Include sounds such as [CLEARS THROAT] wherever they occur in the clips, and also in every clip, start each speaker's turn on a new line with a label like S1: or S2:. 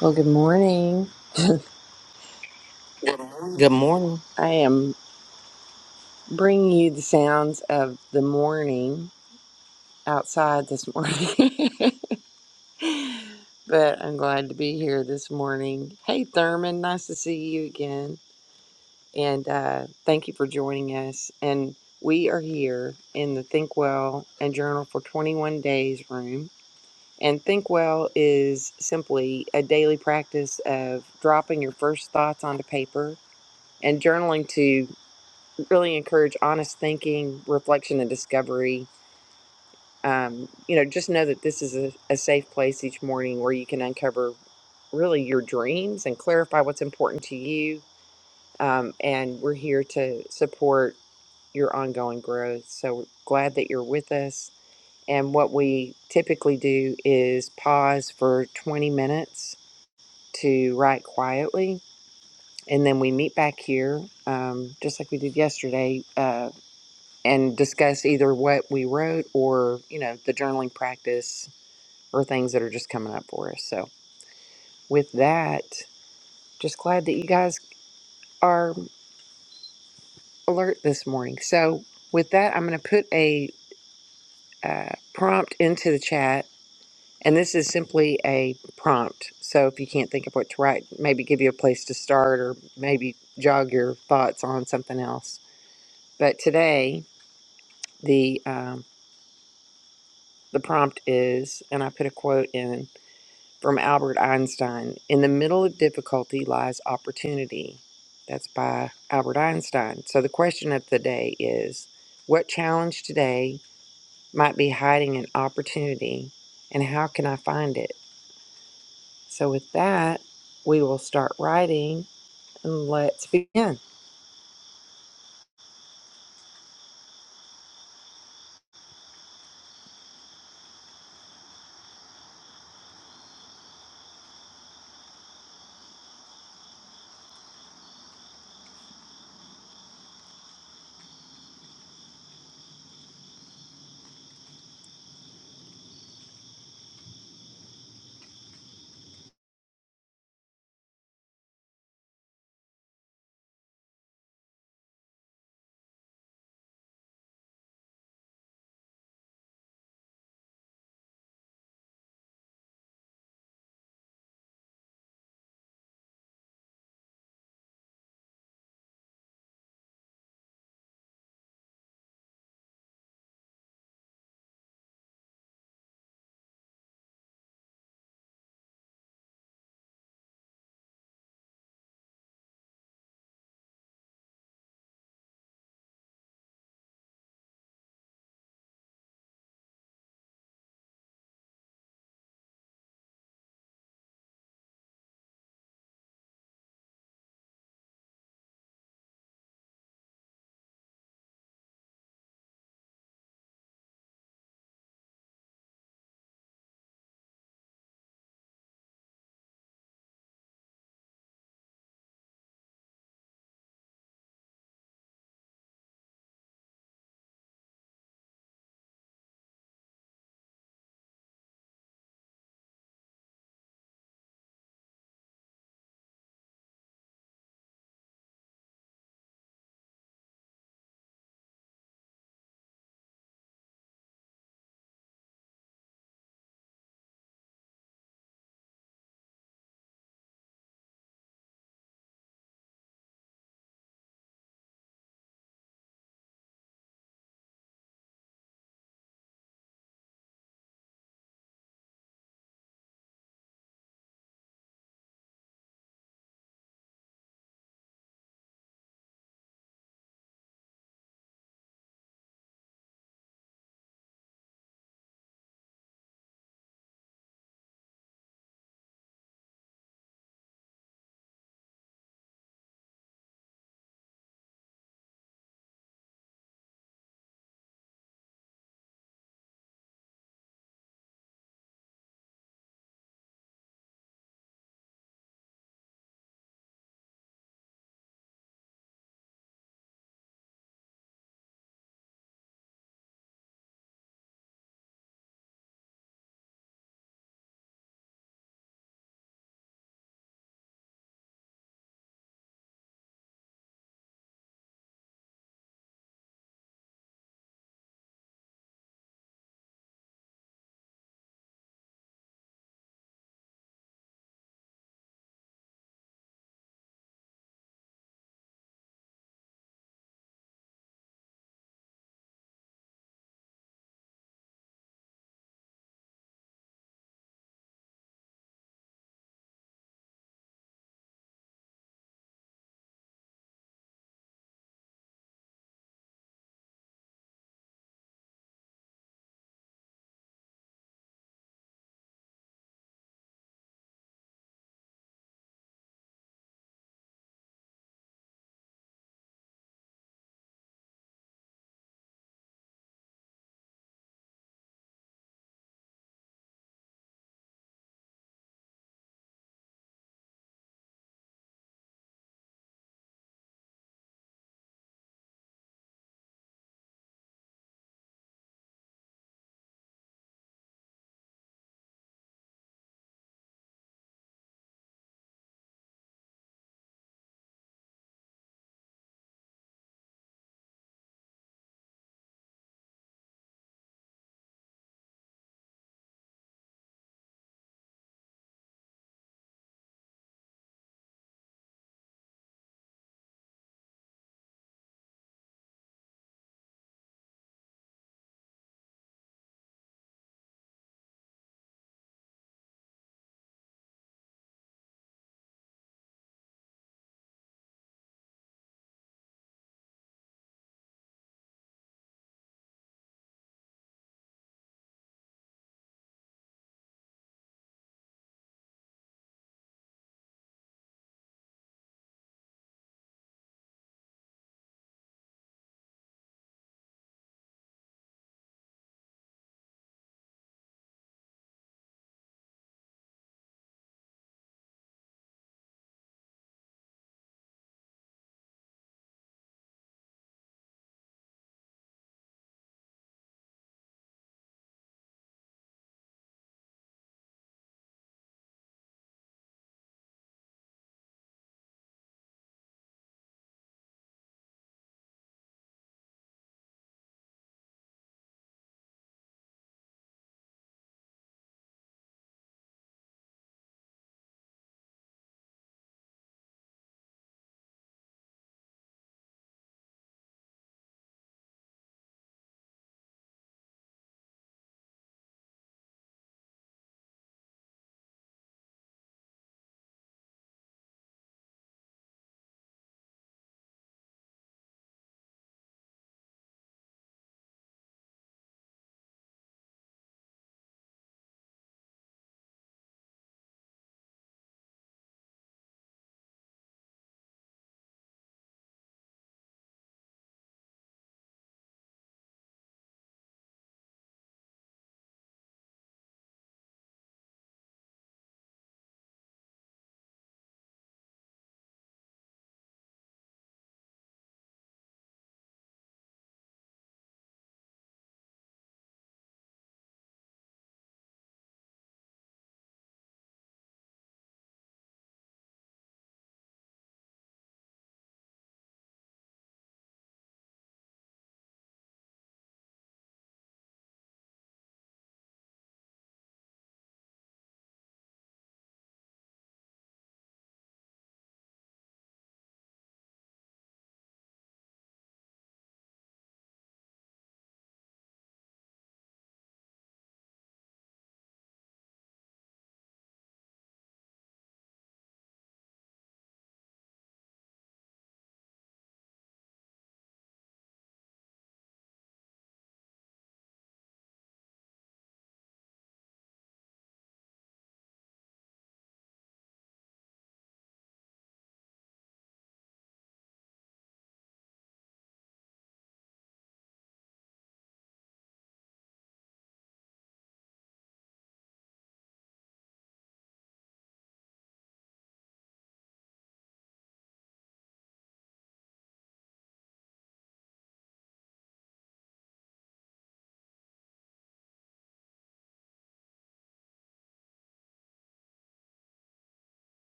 S1: Well, good morning.
S2: Good morning.
S1: I am bringing you the sounds of the morning outside this morning, [LAUGHS] but I'm glad to be here this morning. Hey, Thurman, nice to see you again. And uh, thank you for joining us. And we are here in the Think Well and Journal for 21 Days room. And Think Well is simply a daily practice of dropping your first thoughts onto paper and journaling to. really encourage honest thinking, reflection, and discovery. Um, you know, just know that this is a, a safe place each morning where you can uncover really your dreams and clarify what's important to you. Um, and we're here to support your ongoing growth. So we're glad that you're with us. And what we typically do is pause for 20 minutes to write quietly. And then we meet back here, um, just like we did yesterday, uh, and discuss either what we wrote or, you know, the journaling practice or things that are just coming up for us. So, with that, just glad that you guys are alert this morning. So, with that, I'm going to put a uh, prompt into the chat. And this is simply a prompt. So, if you can't think of what to write, maybe give you a place to start or maybe jog your thoughts on something else. But today, the, um, the prompt is, and I put a quote in from Albert Einstein. In the middle of difficulty lies opportunity. That's by Albert Einstein. So the question of the day is what challenge today might be hiding an opportunity and how can I find it? So with that, we will start writing and let's begin.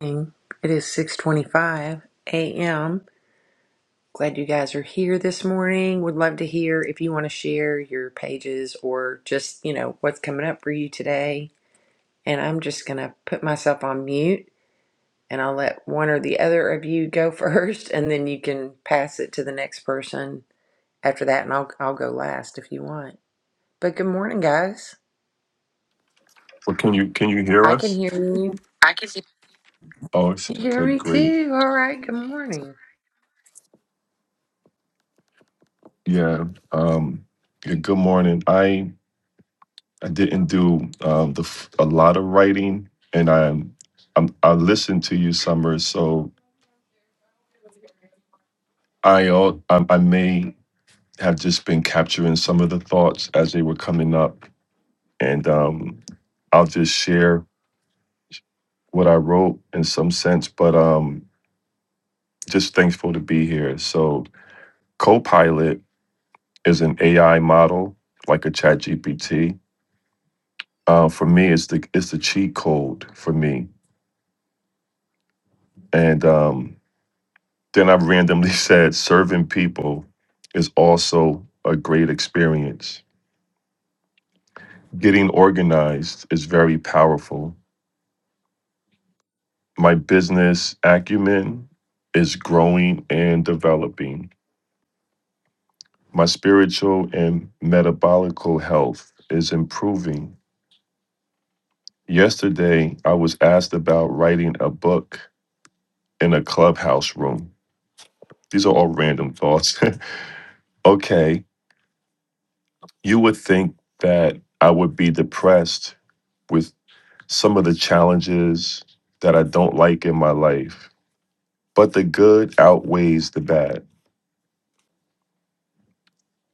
S1: It is 6:25 a.m. Glad you guys are here this morning. Would love to hear if you want to share your pages or just, you know, what's coming up for you today and I'm just going to put myself on mute and I'll let one or the other of you go [LAUGHS] first and then you can pass it to the next person after that and I'll I'll go last if you want. But good morning guys.
S3: Well, can you can you hear
S1: I can
S3: us?
S1: hear you.
S3: I can see. Oh, it's-
S1: You hear
S3: okay,
S1: me
S3: great.
S1: too. All right, good morning.
S3: Yeah. Um. Yeah, good morning. I I didn't do um the f- a lot of writing, and I'm I'm I listened to you, Summer. So I al- I, I may have just been capturing some of the thoughts as they were coming up, and um, I'll just share what I wrote in some sense. But um, just thankful to be here. So Copilot. is an AI model like a Chat GPT. Uh, for me, it's the it's the cheat code for me. And um, then I randomly [LAUGHS] said serving people is also a great experience. Getting organized is very powerful. My business acumen is growing and developing. My spiritual and metabolical health is improving. Yesterday, I was asked about writing a book in a clubhouse room. These are all random thoughts. [LAUGHS] okay, you would think that I would be depressed with some of the challenges that I don't like in my life, but the good outweighs the bad.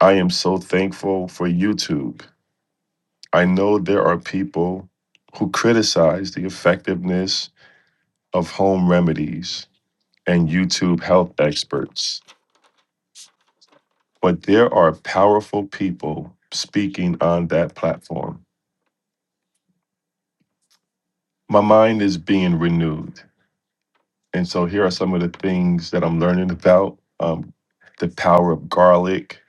S3: I am so thankful for YouTube. I know there are people who criticize the effectiveness of home remedies and YouTube health experts, but there are powerful people speaking on that platform. my mind is being renewed. And so here are some of the things that I'm learning about um, the power of garlic,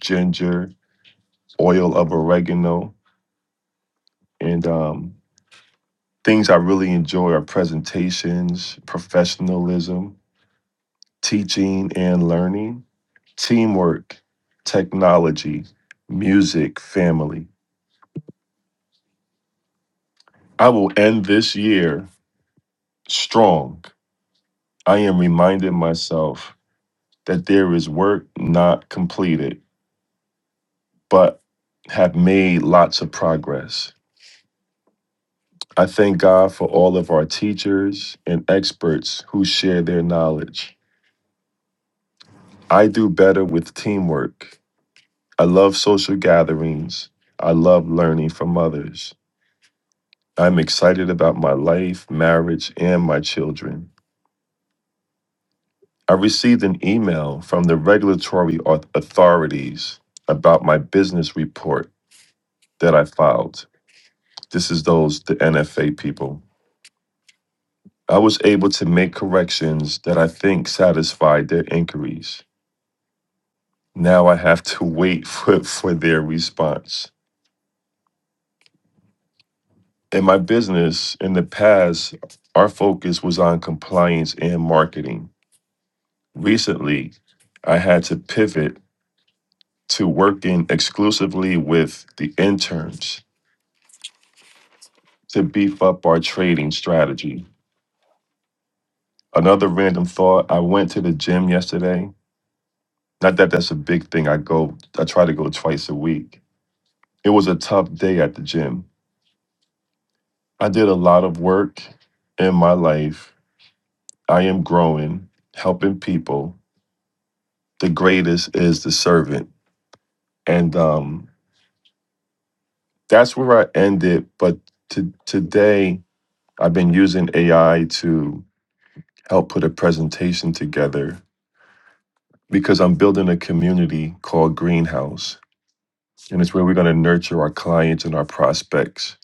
S3: ginger, oil of oregano, and um, things I really enjoy are presentations, professionalism, teaching and learning, teamwork, technology, music, family. I will end this year strong. I am reminding myself that there is work not completed but have made lots of progress. I thank God for all of our teachers and experts who share their knowledge. I do better with teamwork. I love social gatherings. I love learning from others. I'm excited about my life, marriage, and my children. I received an email from the regulatory au- authorities about my business report that I filed. This is those, the NFA people. I was able to make corrections that I think satisfied their inquiries. Now I have to [LAUGHS] wait for, for their response. In my business, in the past, our focus was on compliance and marketing. Recently, I had to pivot to working exclusively with the interns to beef up our trading strategy. Another random thought I went to the gym yesterday. Not that that's a big thing. I go, I try to go twice a week It was a tough day at the gym. I did a lot of work in my life. I am growing, helping people. The greatest is the servant. And um, that's where I ended. But to, today, I've been using AI to help put a presentation together because I'm building a community called Greenhouse. And it's where we're going to nurture our clients and our prospects,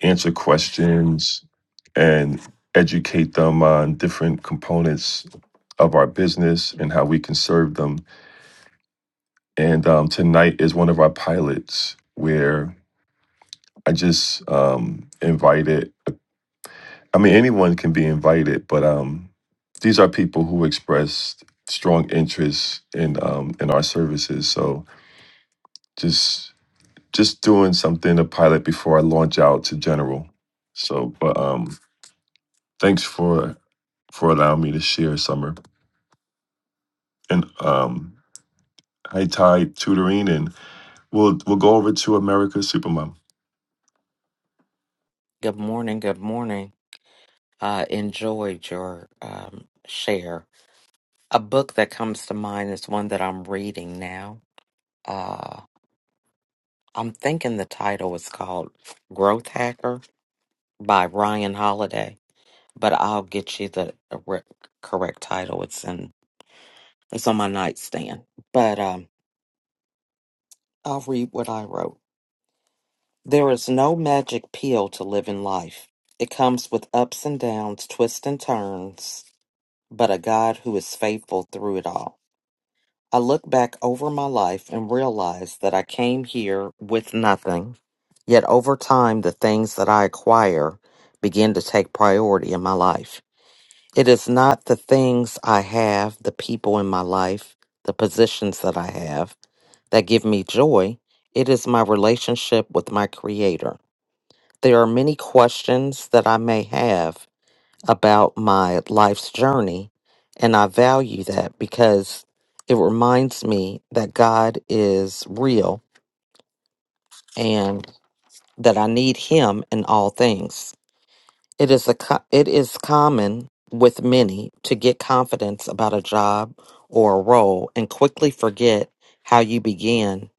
S3: answer questions, and educate them on different components of our business and how we can serve them. And um, tonight is one of our pilots where I just um, invited. I mean, anyone can be invited, but um, these are people who expressed strong interest in um, in our services. So just just doing something a pilot before I launch out to general. So, but um, thanks for for allowing me to share, Summer, and um, High Tide Tutoring, and we'll we'll go over to America Supermom.
S2: Good morning. Good morning. Uh, enjoyed your um, share. A book that comes to mind is one that I'm reading now. Uh, I'm thinking the title is called Growth Hacker by Ryan Holiday, but I'll get you the re- correct title. It's in it's on my nightstand. But um, I'll read what I wrote. There is no magic pill to live in life. It comes with ups and downs, twists and turns but a God who is faithful through it all. I look back over my life and realize that I came here with nothing. Yet over time, the things that I acquire begin to take priority in my life. It is not the things I have, the people in my life, the positions that I have that give me joy. It is my relationship with my Creator. There are many questions that I may have about my life's journey. And I value that because it reminds me that God is real and that I need Him in all things. It is a co- it is common with many to get confidence about a job or a role and quickly forget how you began,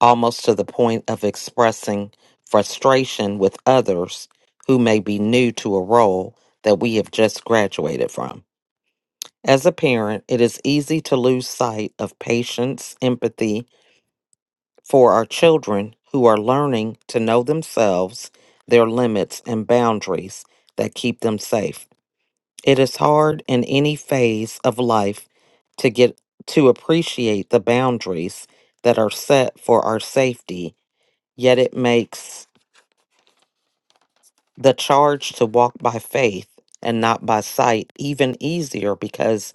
S2: almost to the point of expressing frustration with others who may be new to a role that we have just graduated from. As a parent, it is easy to lose sight of patience, empathy for our children who are learning to know themselves, their limits, and boundaries that keep them safe. It is hard in any phase of life to get to appreciate the boundaries that are set for our safety, yet it makes the charge to walk by faith and not by sight even easier because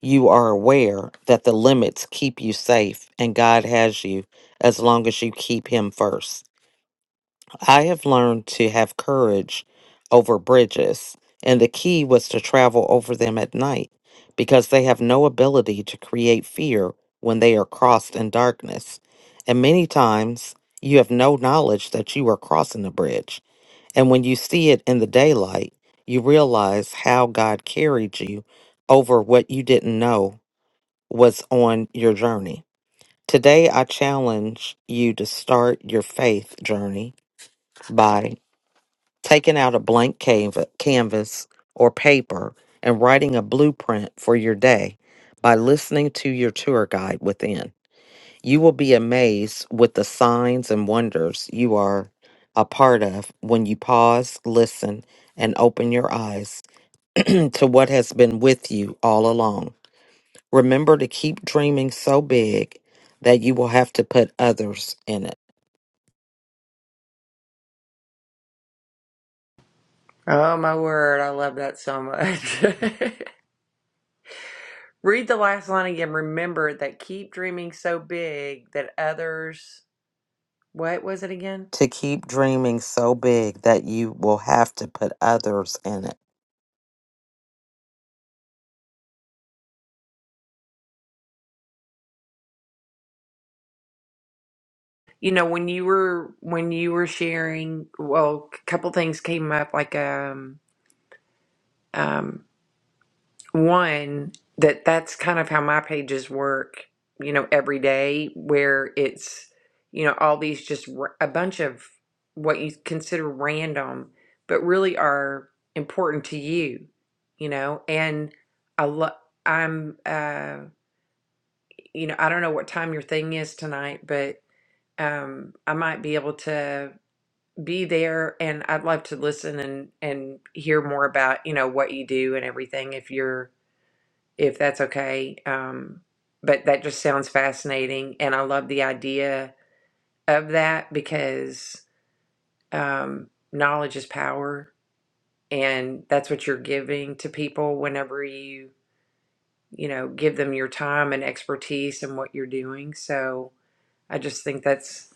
S2: you are aware that the limits keep you safe and God has you as long as you keep Him first. I have learned to have courage over bridges, and the key was to travel over them at night because they have no ability to create fear when they are crossed in darkness. And many times you have no knowledge that you are crossing a bridge. And when you see it in the daylight, you realize how God carried you over what you didn't know was on your journey. Today, I challenge you to start your faith journey by taking out a blank canva- canvas or paper and writing a blueprint for your day by listening to your tour guide within. You will be amazed with the signs and wonders you are a part of when you pause, listen, and open your eyes [CLEARS THROAT] to what has been with you all along. Remember to keep dreaming so big that you will have to put others in it.
S1: Oh my word, I love that so much. [LAUGHS] Read the last line again. Remember that keep dreaming so big that others what was it again?
S2: To keep dreaming so big that you will have to put others in it.
S1: You know, when you were when you were sharing, well, a couple things came up. Like, um, um, one that that's kind of how my pages work. You know, every day where it's you know all these just r- a bunch of what you consider random, but really are important to you. You know, and I love. I'm, uh, you know, I don't know what time your thing is tonight, but um, I might be able to be there and I'd love to listen and and hear more about, you know, what you do and everything if you're if that's okay. Um but that just sounds fascinating and I love the idea of that because um knowledge is power and that's what you're giving to people whenever you, you know, give them your time and expertise and what you're doing. So I just think that's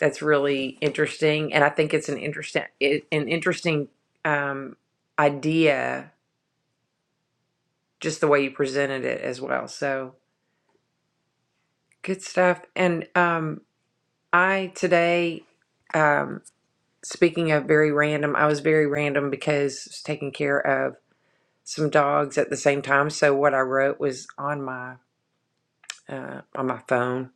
S1: that's really interesting, and I think it's an interesting it, an interesting um, idea, just the way you presented it as well. So good stuff. And um, I today, um, speaking of very random, I was very random because I was taking care of some dogs at the same time. So what I wrote was on my uh, on my phone,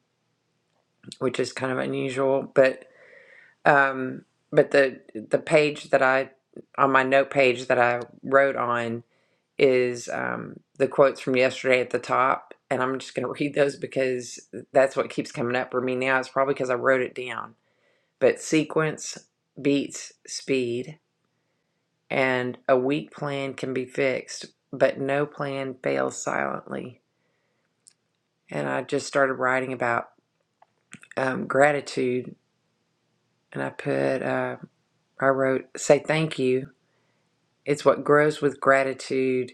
S1: which is kind of unusual, but um, but the the page that I on my note page that I wrote on is um, the quotes from yesterday at the top, and I'm just going to [LAUGHS] read those because that's what keeps coming up for me now. It's probably because I wrote it down. But sequence beats speed, and a weak plan can be fixed, but no plan fails silently. And I just started writing about um, gratitude, and I put, uh, I wrote, say thank you. It's what grows with gratitude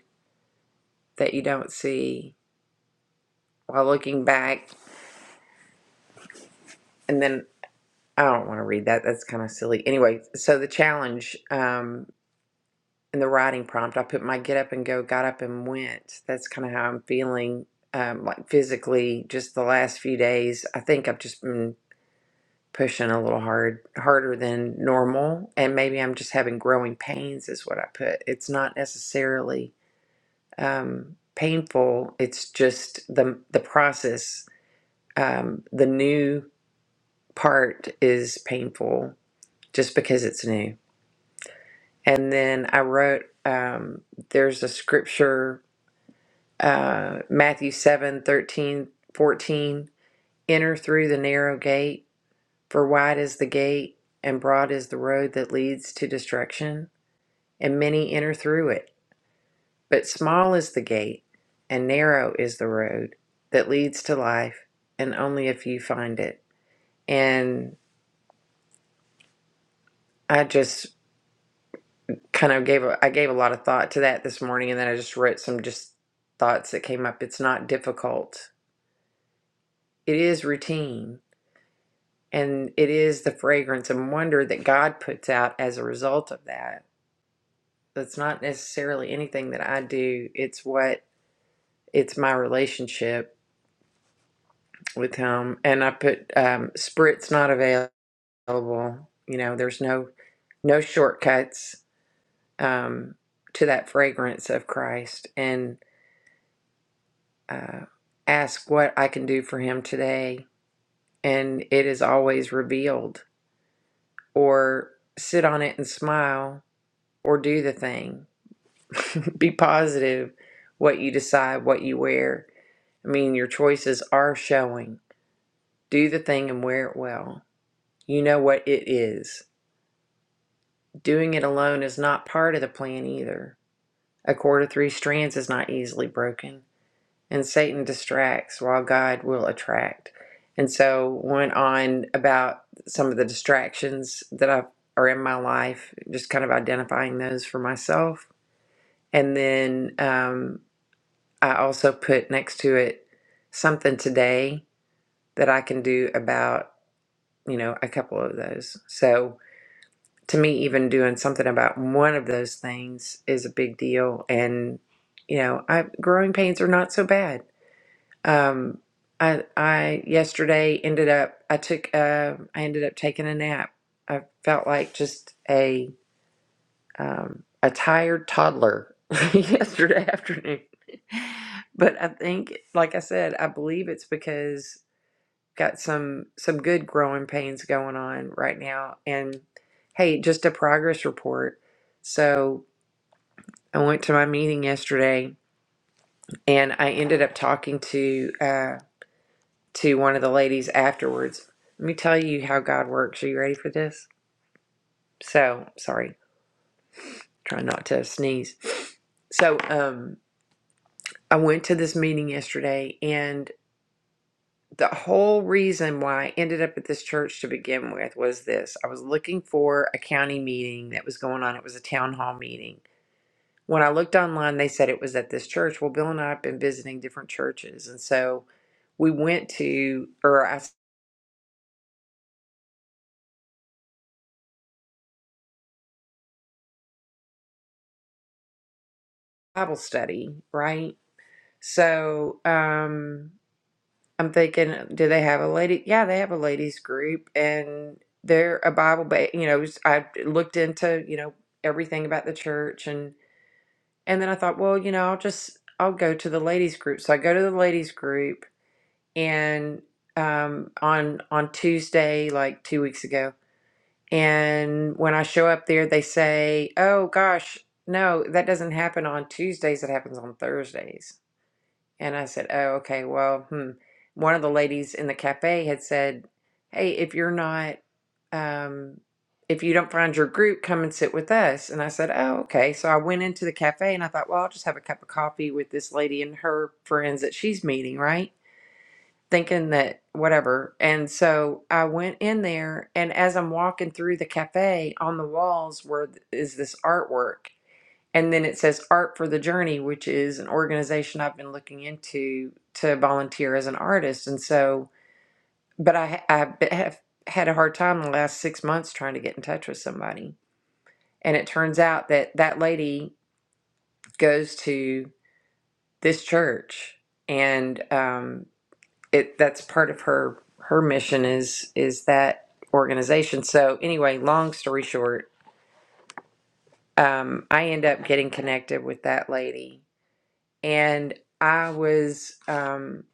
S1: that you don't see while looking back. And then I don't want to read that. That's kind of silly. Anyway, so the challenge um, in the writing prompt, I put my get up and go, got up and went. That's kind of how I'm feeling, um, like physically, just the last few days. I think I've just been pushing a little hard, harder than normal. And maybe I'm just having growing pains, is what I put. It's not necessarily um, painful, it's just the, the process. Um, the new part is painful just because it's new And then I wrote, um, there's a scripture, uh, Matthew 7 13 14. Enter through the narrow gate, for wide is the gate, and broad is the road that leads to destruction, and many enter through it. But small is the gate, and narrow is the road that leads to life, and only a few find it. And I just kind of gave a, I gave a lot of thought to that this morning, and then I just wrote some just thoughts that came up. It's not difficult. It is routine, and it is the fragrance and wonder that God puts out as a result of that. That's not necessarily anything that I do. It's what it's my relationship with Him, and I put um, sprit's not available. You know, there's no no shortcuts um, to that fragrance of Christ, and. uh, ask what I can do for him today, and it is always revealed, or sit on it and smile, or do the thing. [LAUGHS] Be positive what you decide, what you wear. I mean, your choices are showing. Do the thing and wear it well. You know what it is. Doing it alone is not part of the plan either. A cord of three strands is not easily broken. and Satan distracts while God will attract. And so went on about some of the distractions that I are in my life, just kind of identifying those for myself. And then um, I also put next to it something today that I can do about you know a couple of those. So to me, even doing something about one of those things is a big deal. And you know, I, growing pains are not so bad Um, I I yesterday ended up I took uh, I ended up taking a nap. I felt like just a um, a tired toddler [LAUGHS] yesterday afternoon. But I think, like I said, I believe it's because got some some good growing pains going on right now. And hey, just a progress report. So I went to my meeting yesterday, and I ended up talking to. uh, to one of the ladies afterwards. Let me tell you how God works. Are you ready for this? So, sorry, Try not to sneeze. So, um, I went to this meeting yesterday, and the whole reason why I ended up at this church to begin with was this I was looking for a county meeting that was going on, it was a town hall meeting. When I looked online, they said it was at this church. Well, Bill and I have been visiting different churches, and so we went to, or I Bible study, right? So um, I'm thinking, do they have a lady? Yeah, they have a ladies group, and they're a Bible. Ba- you know, I looked into you know everything about the church, and and then I thought, well, you know, I'll just I'll go to the ladies group. So I go to the ladies group, and um, on on Tuesday, like two weeks ago, and when I show up there, they say, oh gosh, no, that doesn't happen on Tuesdays. It happens on Thursdays. And I said, Oh, okay, well, hmm. One of the ladies in the cafe had said, Hey, if you're not, um, if you don't find your group, come and sit with us. And I said, Oh, okay. So I went into the cafe and I thought, Well, I'll just have a cup of coffee with this lady and her friends that she's meeting, right? Thinking that whatever. And so I went in there, and as I'm walking through the cafe, on the walls were is this artwork and then it says Art for the Journey, which is an organization I've been looking into to volunteer as an artist. And so, but I, I b- have had a hard time the last six months trying to get in touch with somebody. And it turns out that that lady goes to this church, and um, it that's part of her her mission is is that organization. So anyway, long story short, um, I end up getting connected with that lady and I was, um,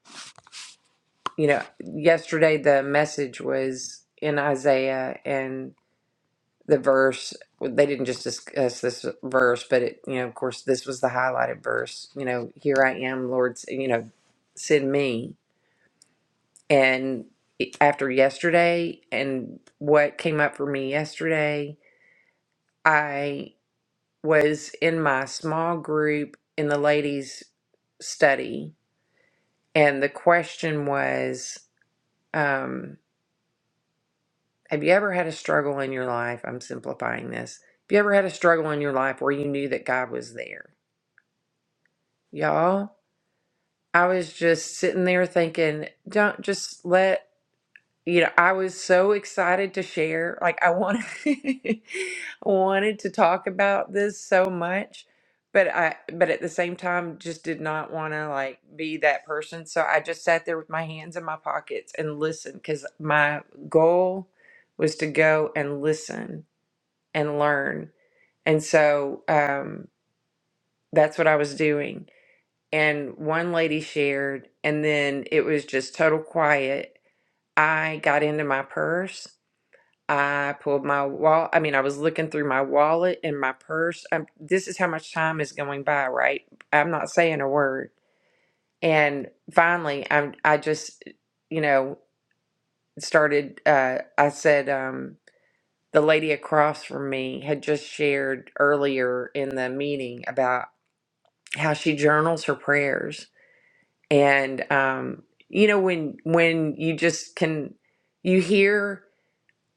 S1: you know, yesterday the message was in Isaiah and the verse. well, They didn't just discuss this verse, but it, you know, of course, this was the highlighted verse. You know, here I am, Lord, s- you know, send me. And it- after yesterday and what came up for me yesterday, I was in my small group in the ladies' study, and the question was, Um, have you ever had a struggle in your life? I'm simplifying this. Have you ever had a struggle in your life where you knew that God was there? Y'all, I was just sitting there thinking, don't just let you know, I was so excited to share. Like I wanted [LAUGHS] wanted to talk about this so much, but I but at the same time just did not want to like be that person. So I just sat there with my hands in my pockets and listened cuz my goal was to go and listen and learn. And so um that's what I was doing. And one lady shared and then it was just total quiet. I got into my purse I pulled my wall. I mean, I was looking through my wallet and my purse. Um this is how much time is going by, right? I'm not saying a word. And finally, I'm. I just, you know, started. Uh, I said, um, the lady across from me had just shared earlier in the meeting about how she journals her prayers, and um, you know, when when you just can, you hear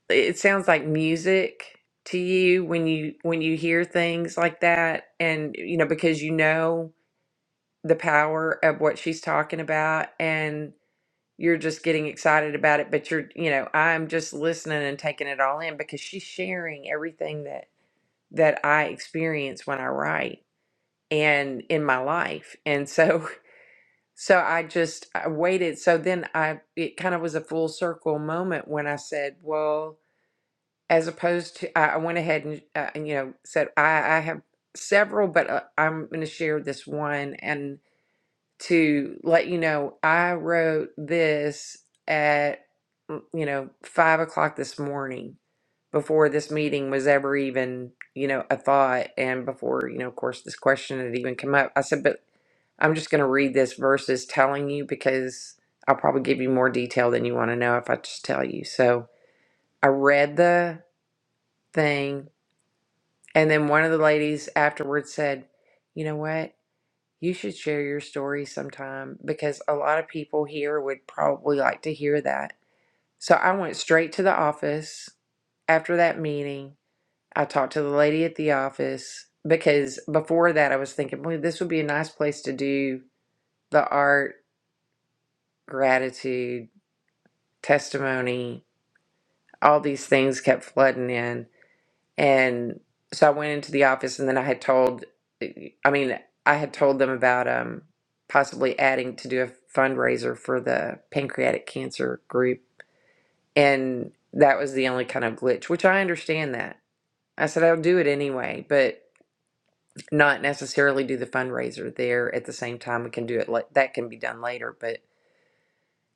S1: it sounds like music to you when you when you hear things like that and you know because you know the power of what she's talking about and you're just getting excited about it but you're you know I'm just listening and taking it all in because she's sharing everything that that I experience when I write and in my life and so [LAUGHS] so I just I waited so then I it kind of was a full circle moment when I said well as opposed to I, I went ahead and, uh, and you know said I, I have several, but uh, I'm going to share this one and to let you know I wrote this at mm, you know five o'clock this morning before this meeting was ever even you know a thought and before you know of course this question had even come up. I said, but I'm just going to read this versus telling you because I'll probably give you more detail than you want to know if I just tell you. So I read the thing and then one of the ladies afterwards said, You know what? You should share your story sometime because a lot of people here would probably like to hear that. So I went straight to the office after that meeting. I talked to the lady at the office because before that I was thinking, well, this would be a nice place to do the art, gratitude, testimony. All these things kept flooding in. And so I went into the office and then I had told, I mean, I had told them about um, possibly adding to do a fundraiser for the pancreatic cancer group. And that was the only kind of glitch, which I understand that. I said, I'll do it anyway, but not necessarily do the fundraiser there at the same time. We can do it, la- that can be done later. But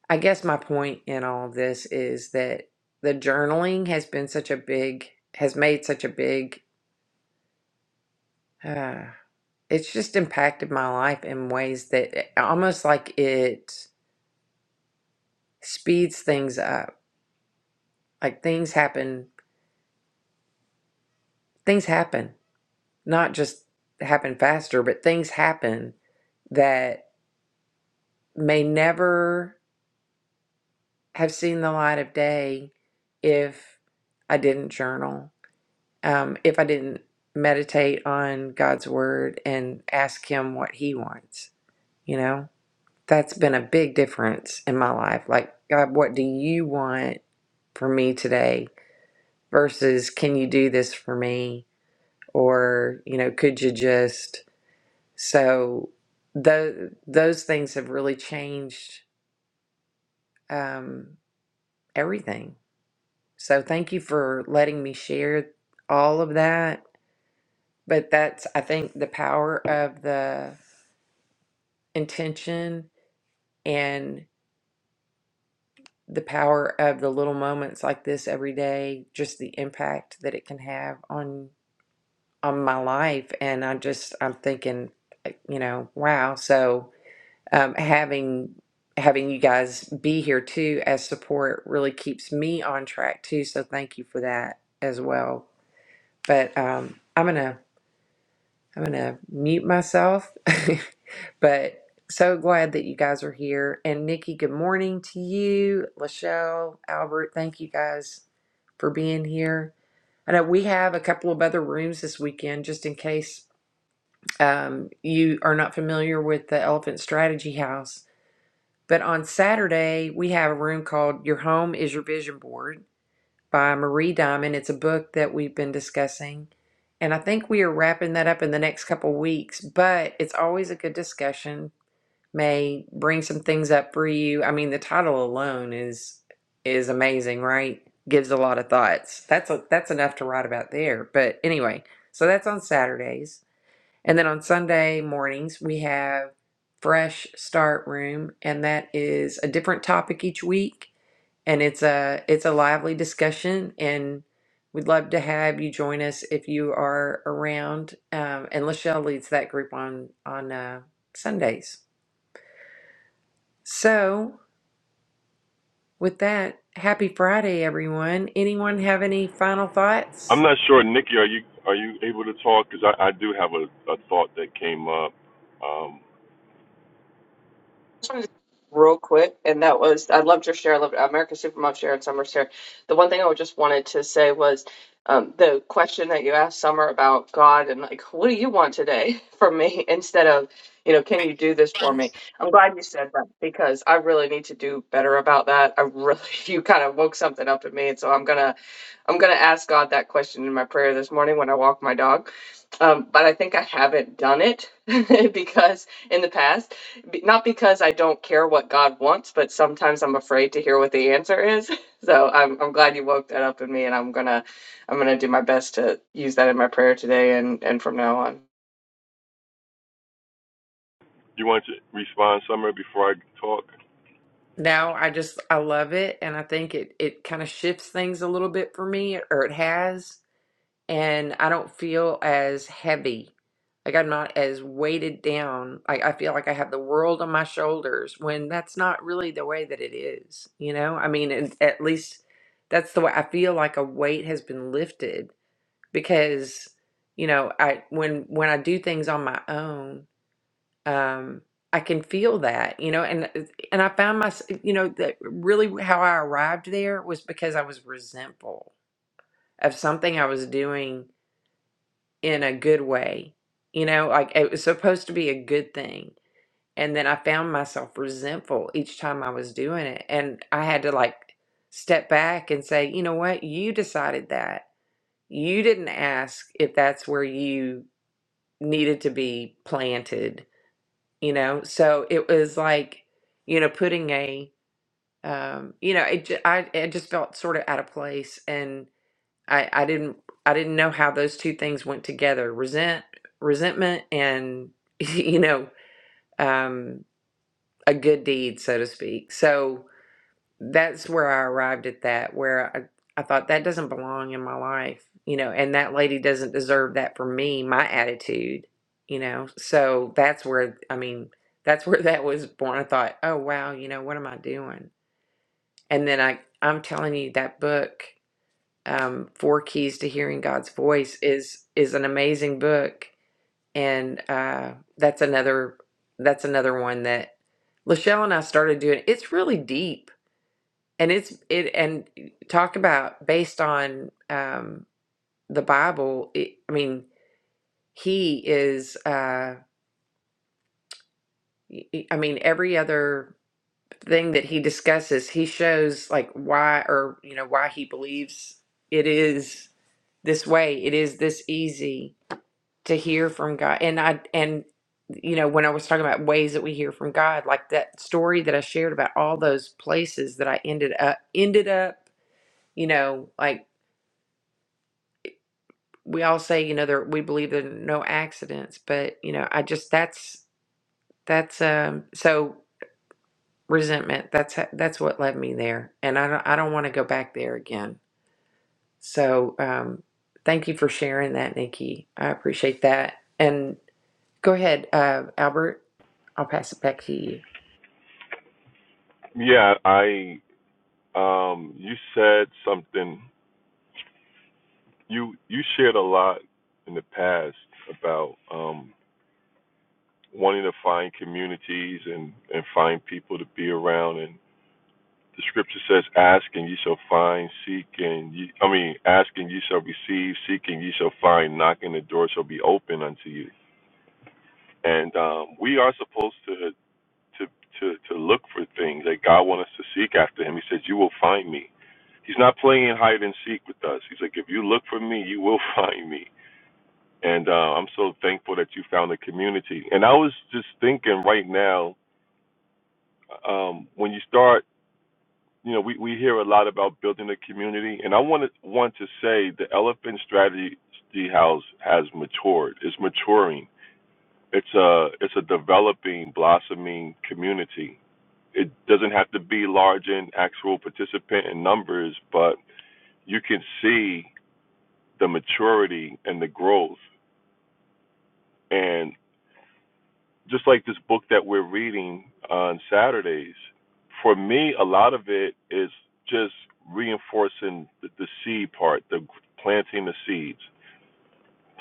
S1: I guess my point in all of this is that the journaling has been such a big, has made such a big uh, it's just impacted my life in ways that it- almost like it speeds things up. Like things happen, things happen, not just happen faster, but things happen that may never have seen the light of day if I didn't journal, um, if I didn't meditate on God's word and ask Him what He wants, you know? That's been a big difference in my life. Like, God, what do you want for me today versus can you do this for me? Or, you know, could you just. So, tho- those things have really changed um, everything. So, thank you for letting me share all of that. But that's, I think, the power of the intention and. the power of the little moments like this every day, just the impact that it can have on on my life. And I just I'm thinking, uh, you know, wow. So um, having having you guys be here too as support really keeps me on track too. So thank you for that as well. But um, I'm gonna I'm going to mute myself, [LAUGHS] but so glad that you guys are here. And Nikki, good morning to you. Lachelle, Albert, thank you guys for being here. I know we have a couple of other rooms this weekend, just in case um, you are not familiar with the Elephant Strategy House. But on Saturday, we have a room called Your Home is Your Vision Board by Marie Diamond. It's a book that we've been discussing. And I think we are wrapping that up in the next couple weeks, but it's always a good discussion. May bring some things up for you. I mean, the title alone is is amazing, right? Gives a lot of thoughts. That's a, that's enough to write about there. But anyway, so that's on Saturdays. And then on Sunday mornings, we have Fresh Start Room, and that is a different topic each week and it's a it's a lively discussion and we'd love to have you join us if you are around um, and lachelle leads that group on on uh, sundays so with that happy friday everyone anyone have any final
S3: I'm
S1: thoughts
S3: not sure, Nikki. Are you are you able to talk? Because I, I do have a, a thought that came up. Um,
S4: one real quick, and that was I loved your share. I loved America Supermom share and Summer's share. The one thing I just wanted to say was um, the question that you asked Summer about God and like, what do you want today [LAUGHS] from me instead of you know, can you do this for me? I'm glad you said that because I really need to do better about that. I really, [LAUGHS] you kind of woke something up in me, and so I'm gonna, I'm gonna ask God that question in my prayer this morning when I walk my dog um, but I think I haven't done it [LAUGHS] because in the past, b- not because I don't care what God wants, but sometimes I'm afraid to hear what the answer is. [LAUGHS] So I'm I'm glad you woke that up in me, and I'm gonna I'm gonna do my best to use that in my prayer today and and from now on.
S3: you want to respond, Summer, before I talk?
S1: no i just i love it and i think it it kind of shifts things a little bit for me or it has and I don't feel as heavy. Like I'm not as weighted down. I, I feel like I have the world on my shoulders when that's not really the way that it is. You know, I mean, and at least that's the way I feel like a weight has been lifted because, you know, I when when I do things on my own, um, I can feel that, you know, and uh, and I found my, you know, that really how I arrived there was because I was resentful of something I was doing in a good way. You know, like it was supposed to be a good thing. And then I found myself resentful each time I was doing it. And I had to like step back and say, you know what? You decided that. You didn't ask if that's where you needed to be planted, you know? So it was like, you know, putting a, um, you know, it, ju- I, I just felt sort of out of place I, I didn't I didn't know how those two things went together. Resent resentment and [LAUGHS] you know, um a good deed, so to speak. So that's where I arrived at that, where I, I thought that doesn't belong in my life, you know, and that lady doesn't deserve that from me, my attitude, you know. So that's where I mean, that's where [LAUGHS] that was born. I thought, oh wow, you know, what am I doing? And then I I'm telling you that book um, Four Keys to Hearing God's Voice is is an amazing book, and uh, that's another that's another one that Lachelle and I started doing. It's really deep, and it's it and talk about based on um, the Bible. It, I mean, he is. Uh, y- y- I mean, every other thing that he discusses, he shows like why or you know why he believes it is this way. It is this easy to hear from God. And I and you know, when I was talking about ways that we hear from God, like that story that I shared about all those places that I ended up ended up, you know, like we all say, you know, there we believe there are no accidents, but you know, I just that's that's um so resentment. That's ha- that's what led me there, and I don't I don't want to go back there again. So um, thank you for sharing that, Nikki. I appreciate that. And go ahead, uh, Albert. I'll pass it back to you.
S3: Yeah, I. Um, you said something. You you shared a lot in the past about um, wanting to find communities and and find people to be around and. the scripture says, "Ask and ye shall find; seek and ye, I mean, ask and ye shall receive; seek and ye shall find; knock and the door shall be open unto you." And um, we are supposed to to to to look for things that God wants us to seek after Him. He says, "You will find me." He's not playing hide and seek with us. He's like, "If you look for me, you will [LAUGHS] find me." And uh, I'm so thankful that you found a community. And I was just thinking right now, um, when you start you know, we, we hear a lot about building a community, and I want to want to say the Elephant Strategy House has matured. It's maturing. It's a it's a developing, blossoming community. It doesn't have to be large in actual participant in numbers, but you can see the maturity and the growth. and. just like this book that we're reading on Saturdays, for me, a lot of it is just reinforcing the, the seed part, the planting the seeds,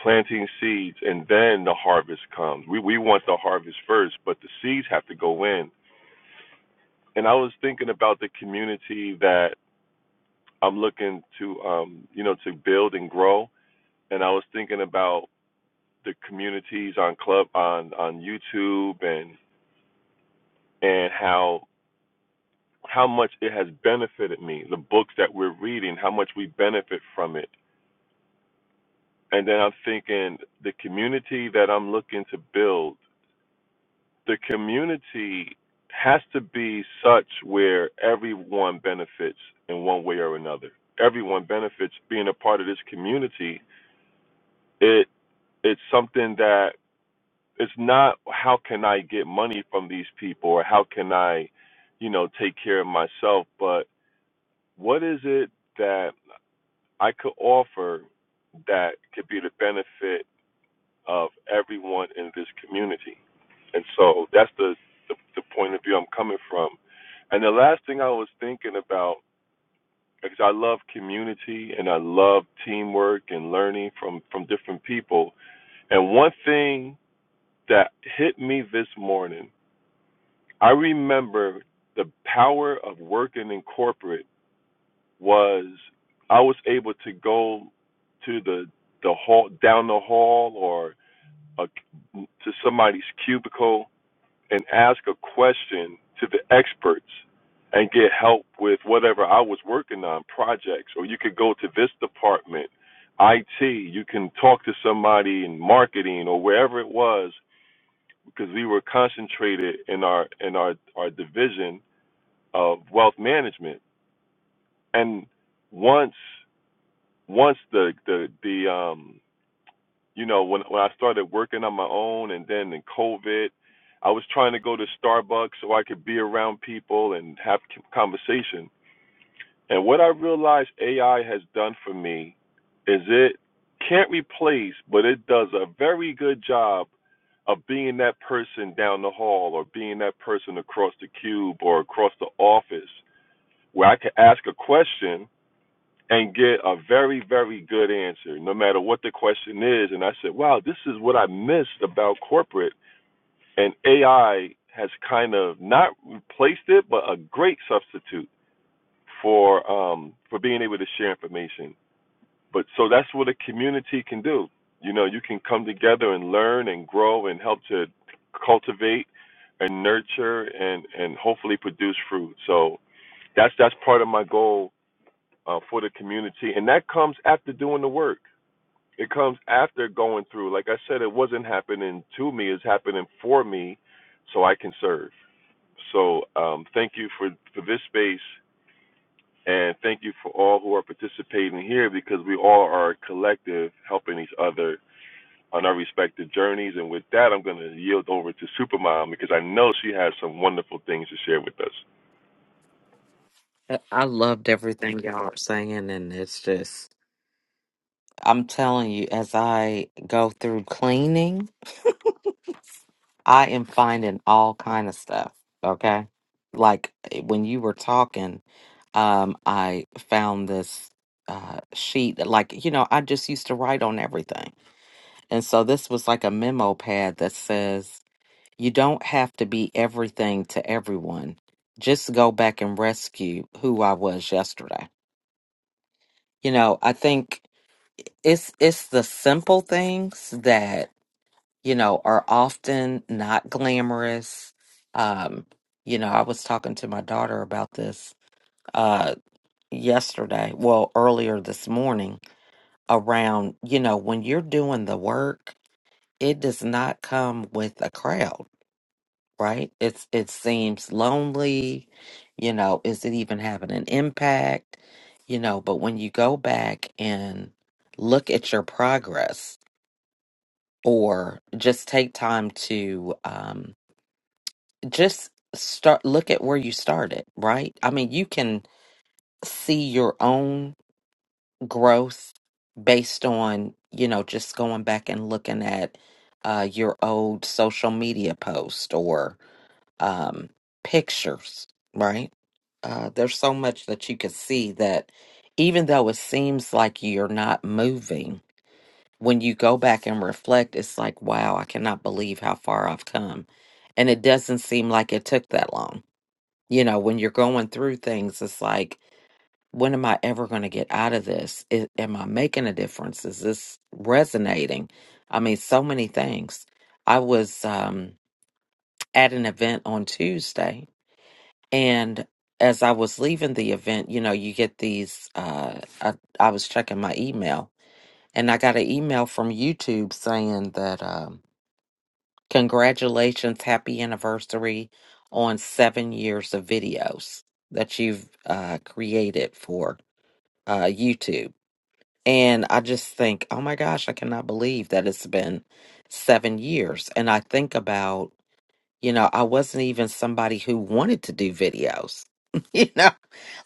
S3: planting seeds, and then the harvest comes. We we want the harvest first, but the seeds have to go in. And I was thinking about the community that I'm looking to, um, you know, to build and grow. And I was thinking about the communities on club on on YouTube and and how how much it has benefited me, the books that we're reading, how much we benefit from it. And then I'm thinking the community that I'm looking to build, the community has to be such where everyone benefits in one way or another. Everyone benefits being a part of this community. It it's something that it's not how can I get money from these people or how can I, you know, take care of myself, but what is it that I could offer that could be the benefit of everyone in this community. And so that's the, the, the point of view I'm coming from. And the last thing I was thinking about, because I love community and I love teamwork and learning from, from different people. And one thing that hit me this morning, I remember the power of working in corporate was I was able to go to the the hall down the hall or a, to somebody's cubicle and ask a question to the experts and get help with whatever I was working on projects or you could go to this department IT you can talk to somebody in marketing or wherever it was because we were concentrated in our in our our division of wealth management and once once the the the um you know when when I started working on my own and then in COVID, I was trying to go to Starbucks so I could be around people and have c- conversation. And what I realized AI has done for me is it can't replace, but it does a very good job of being that person down the hall or being that person across the cube or across the office where I can ask a question and get a very, very good answer, no matter what the question is. And I said, wow, this is what I missed about corporate. And AI has kind of not replaced it, but a great substitute for um, for being able to share information. But so that's what a community can do. You know, you can come together and learn and grow and help to cultivate and nurture and and hopefully produce fruit. So that's that's part of my goal uh, for the community, and that comes after doing the work. It comes after going through. Like I said, it wasn't happening to me; it's happening for me, so I can serve. So um, thank you for for this space, and thank you for all who are participating here because we all are collective helping each other on our respective journeys. And with that, I'm going to yield over to Supermom because I know she has some wonderful things to share with us.
S2: I I loved everything y'all are saying, and it's just, I'm telling you, as I go through cleaning, I am finding all kind of stuff. Okay, like eh, when you were talking, um, I found this uh, sheet that, like, you know, I just used to write on everything And so this was like a memo pad that says, you don't have to be everything to everyone. Just go back and rescue who I was yesterday. You know, I think it's it's the simple things that, you know, are often not glamorous. Um, you know, I was talking to my daughter about this uh yesterday, well, earlier this morning around, you know, when you're doing the work, it does not come with a crowd right? It's it seems lonely, you know, is it even having an impact? You know, but when you go back and look at your progress or just take time to um just start look at where you started, right? I mean, you can see your own growth based on, you know, just going back and looking at uh your old social media post or um, pictures, right? Uh, there's so much that you can see that even though it seems like you're not moving, when you go back and reflect, it's like, wow, I cannot believe how far I've come. And it doesn't seem like it took that long. You know, when you're going through things, it's like, when am I ever going to get out of this? I am I making a difference? Is this resonating? I mean, so many things. I was um, at an event on Tuesday and as I was leaving the event, you know, you get these. Uh, I, I was checking my email and I got an email from YouTube saying that, um, congratulations, happy anniversary on seven years of videos that you've uh, created for uh, YouTube. And I just think, oh my gosh, I cannot believe that it's been seven years. And I think about you know, I wasn't even somebody who wanted to do videos, [LAUGHS] you know,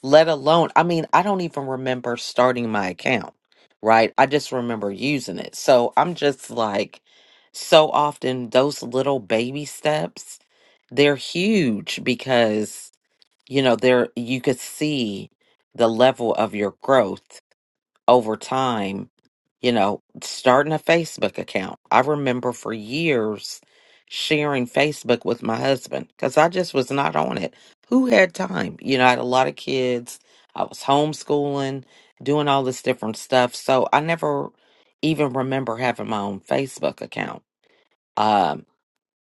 S2: let alone, I mean, I don't even remember starting my account, right? I just remember using it. So I'm just like, so often those little baby steps, they're huge because, you know, they're, you could see the level of your growth over time, you know, starting a Facebook account. I remember for years sharing Facebook with my husband because I just was not on it. Who had time? You know, I had a lot of kids. I was homeschooling, doing all this different stuff. So I never even remember having my own Facebook account. Um,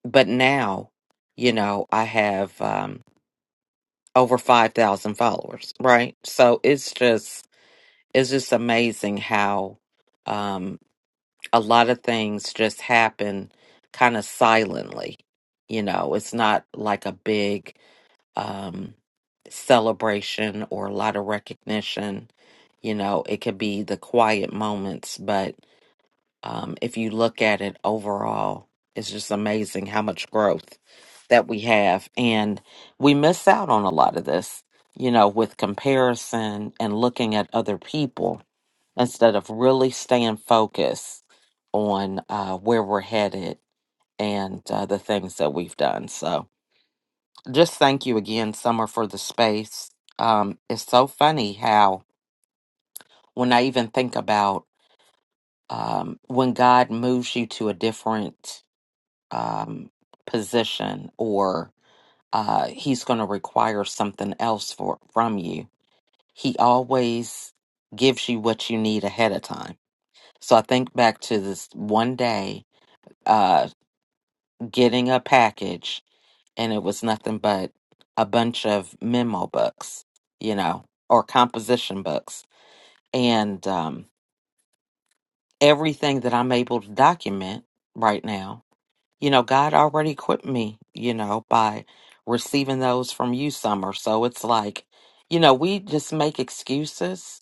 S2: but now, you know, I have um, over 5,000 followers, right? So it's just, it's just amazing how, um, a lot of things just happen kind of silently. You know, it's not like a big um, celebration or a lot of recognition. You know, it could be the quiet moments, but um, if you look at it overall, it's just amazing how much growth that we have. And we miss out on a lot of this, you know, with comparison and looking at other people instead of really staying focused on uh, where we're headed and uh, the things that we've done. So, just thank you again, Summer, for the space. Um, it's so funny how, when I even think about um, when God moves you to a different um, position or uh, He's going to require something else for, from you, He always gives you what you need ahead of time. So I think back to this one day uh, getting a package, and it was nothing but a bunch of memo books, you know, or composition books. And um, everything that I'm able to document right now, you know, God already equipped me, you know, by receiving those from you, Summer. So it's like, you know, we just make excuses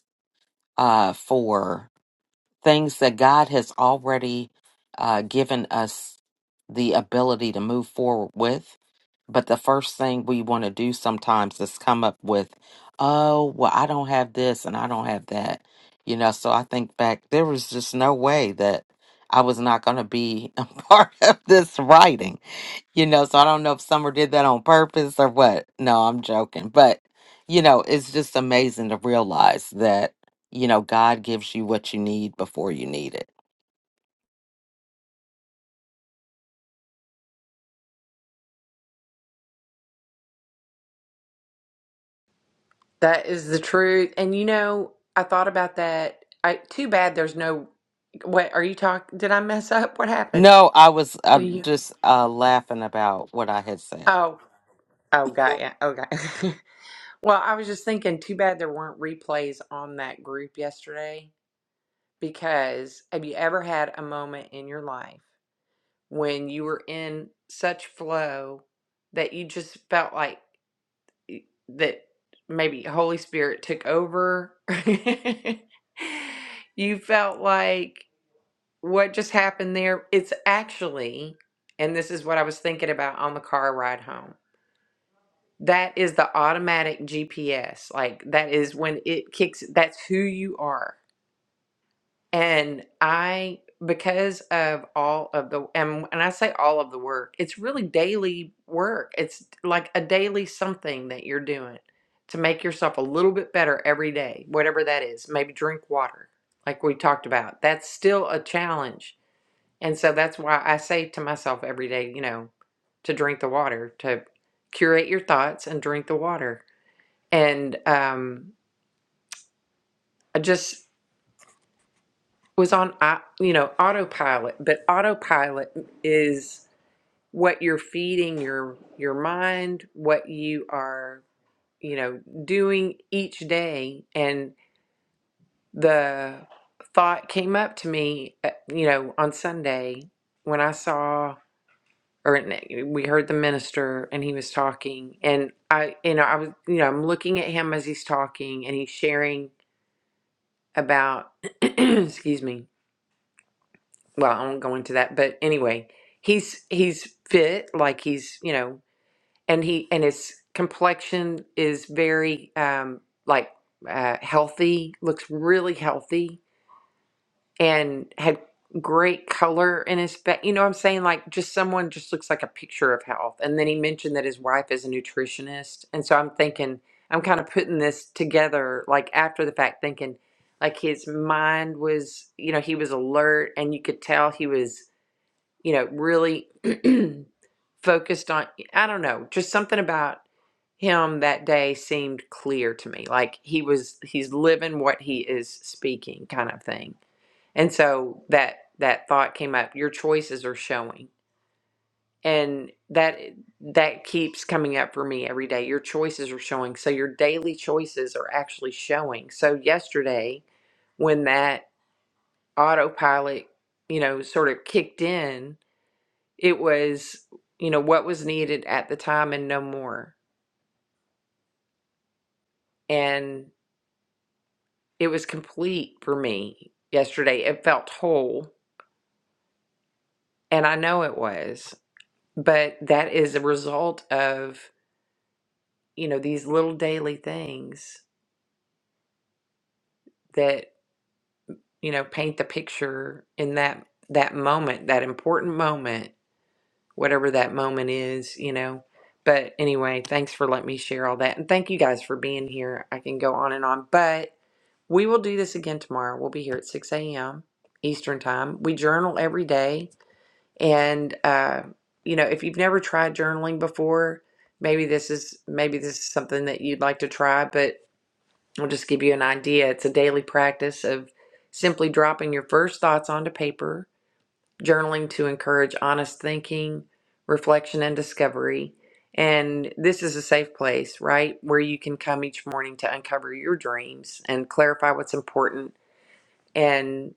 S2: uh, for things that God has already uh, given us the ability to move forward with But the first thing we want to do sometimes is come up with, oh, well, I don't have this and I don't have that. You know, so I think back, there was just no way that I was not going to be a [LAUGHS] part of this writing. You know, so I don't know if Summer did that on purpose or what. No, I'm joking. But, you know, it's just amazing to realize that, you know, God gives you what you need before you need it.
S1: That is the truth. And you know, I thought about that. I too bad there's no what are you talking did I mess up? What happened?
S2: No, I was uh,
S1: Can you
S2: just uh, laughing about what I had said.
S1: Oh, oh got ya. Okay. [LAUGHS] well, I was just thinking too bad there weren't replays on that group yesterday because have you ever had a moment in your life when you were in such flow that you just felt like that maybe Holy Spirit took over. [LAUGHS] you felt like what just happened there, it's actually, and this is what I was thinking about on the car ride home. That is the automatic GPS. Like that is when it kicks, that's who you are. And I, because of all of the, and when I say all of the work, it's really daily work. It's like a daily something that you're doing to make yourself a little bit better every day, whatever that is. Maybe drink water, like we talked about. That's still a challenge. And so that's why I say to myself every day, you know, to drink the water, to curate your thoughts and drink the water. And um, I just, was on au- you know autopilot but autopilot is what you're feeding your your mind what you are you know doing each day and the thought came up to me uh, you know on sunday when i saw or n- we heard the minister and he was talking and i you know i was you know i'm looking at him as he's talking and he's sharing about [CLEARS THROAT] excuse me well, I won't go into that, but anyway, he's he's fit, like he's you know, and he and his complexion is very um like uh, healthy, looks really healthy, and had great color in his face. You know, what I'm saying like just someone just looks like a picture of health. And then he mentioned that his wife is a nutritionist, and so I'm thinking I'm kind of putting this together like after the fact, thinking like his mind was you know he was alert and you could tell he was you know, really [CLEARS THROAT] focused on, I don't know, just something about him that day seemed clear to me. Like he was, he's living what he is speaking kind of thing. And so that, that thought came up, your choices are showing. And that, that keeps coming up for me every day. Your choices are showing. So your daily choices are actually showing. So yesterday, when that autopilot, you know, sort of kicked in, it was, you know, what was needed at the time and no more. And it was complete for me yesterday. It felt whole, and I know it was. But that is a result of, you know, these little daily things that, you know, paint the picture in that that moment, that important moment, whatever that moment is, you know. But anyway, thanks for letting me share all that. And thank you guys for being here. I can go on and on, but We will do this again tomorrow. We'll be here at 6 a.m. Eastern Time. We journal every day. And, uh, you know, if you've never tried journaling before, maybe this is maybe this is something that you'd like to try, but I'll just give you an idea. It's a daily practice of simply dropping your first thoughts onto paper, journaling to encourage honest thinking, reflection, and discovery. And this is a safe place, right? Where you can come each morning to uncover your dreams and clarify what's important and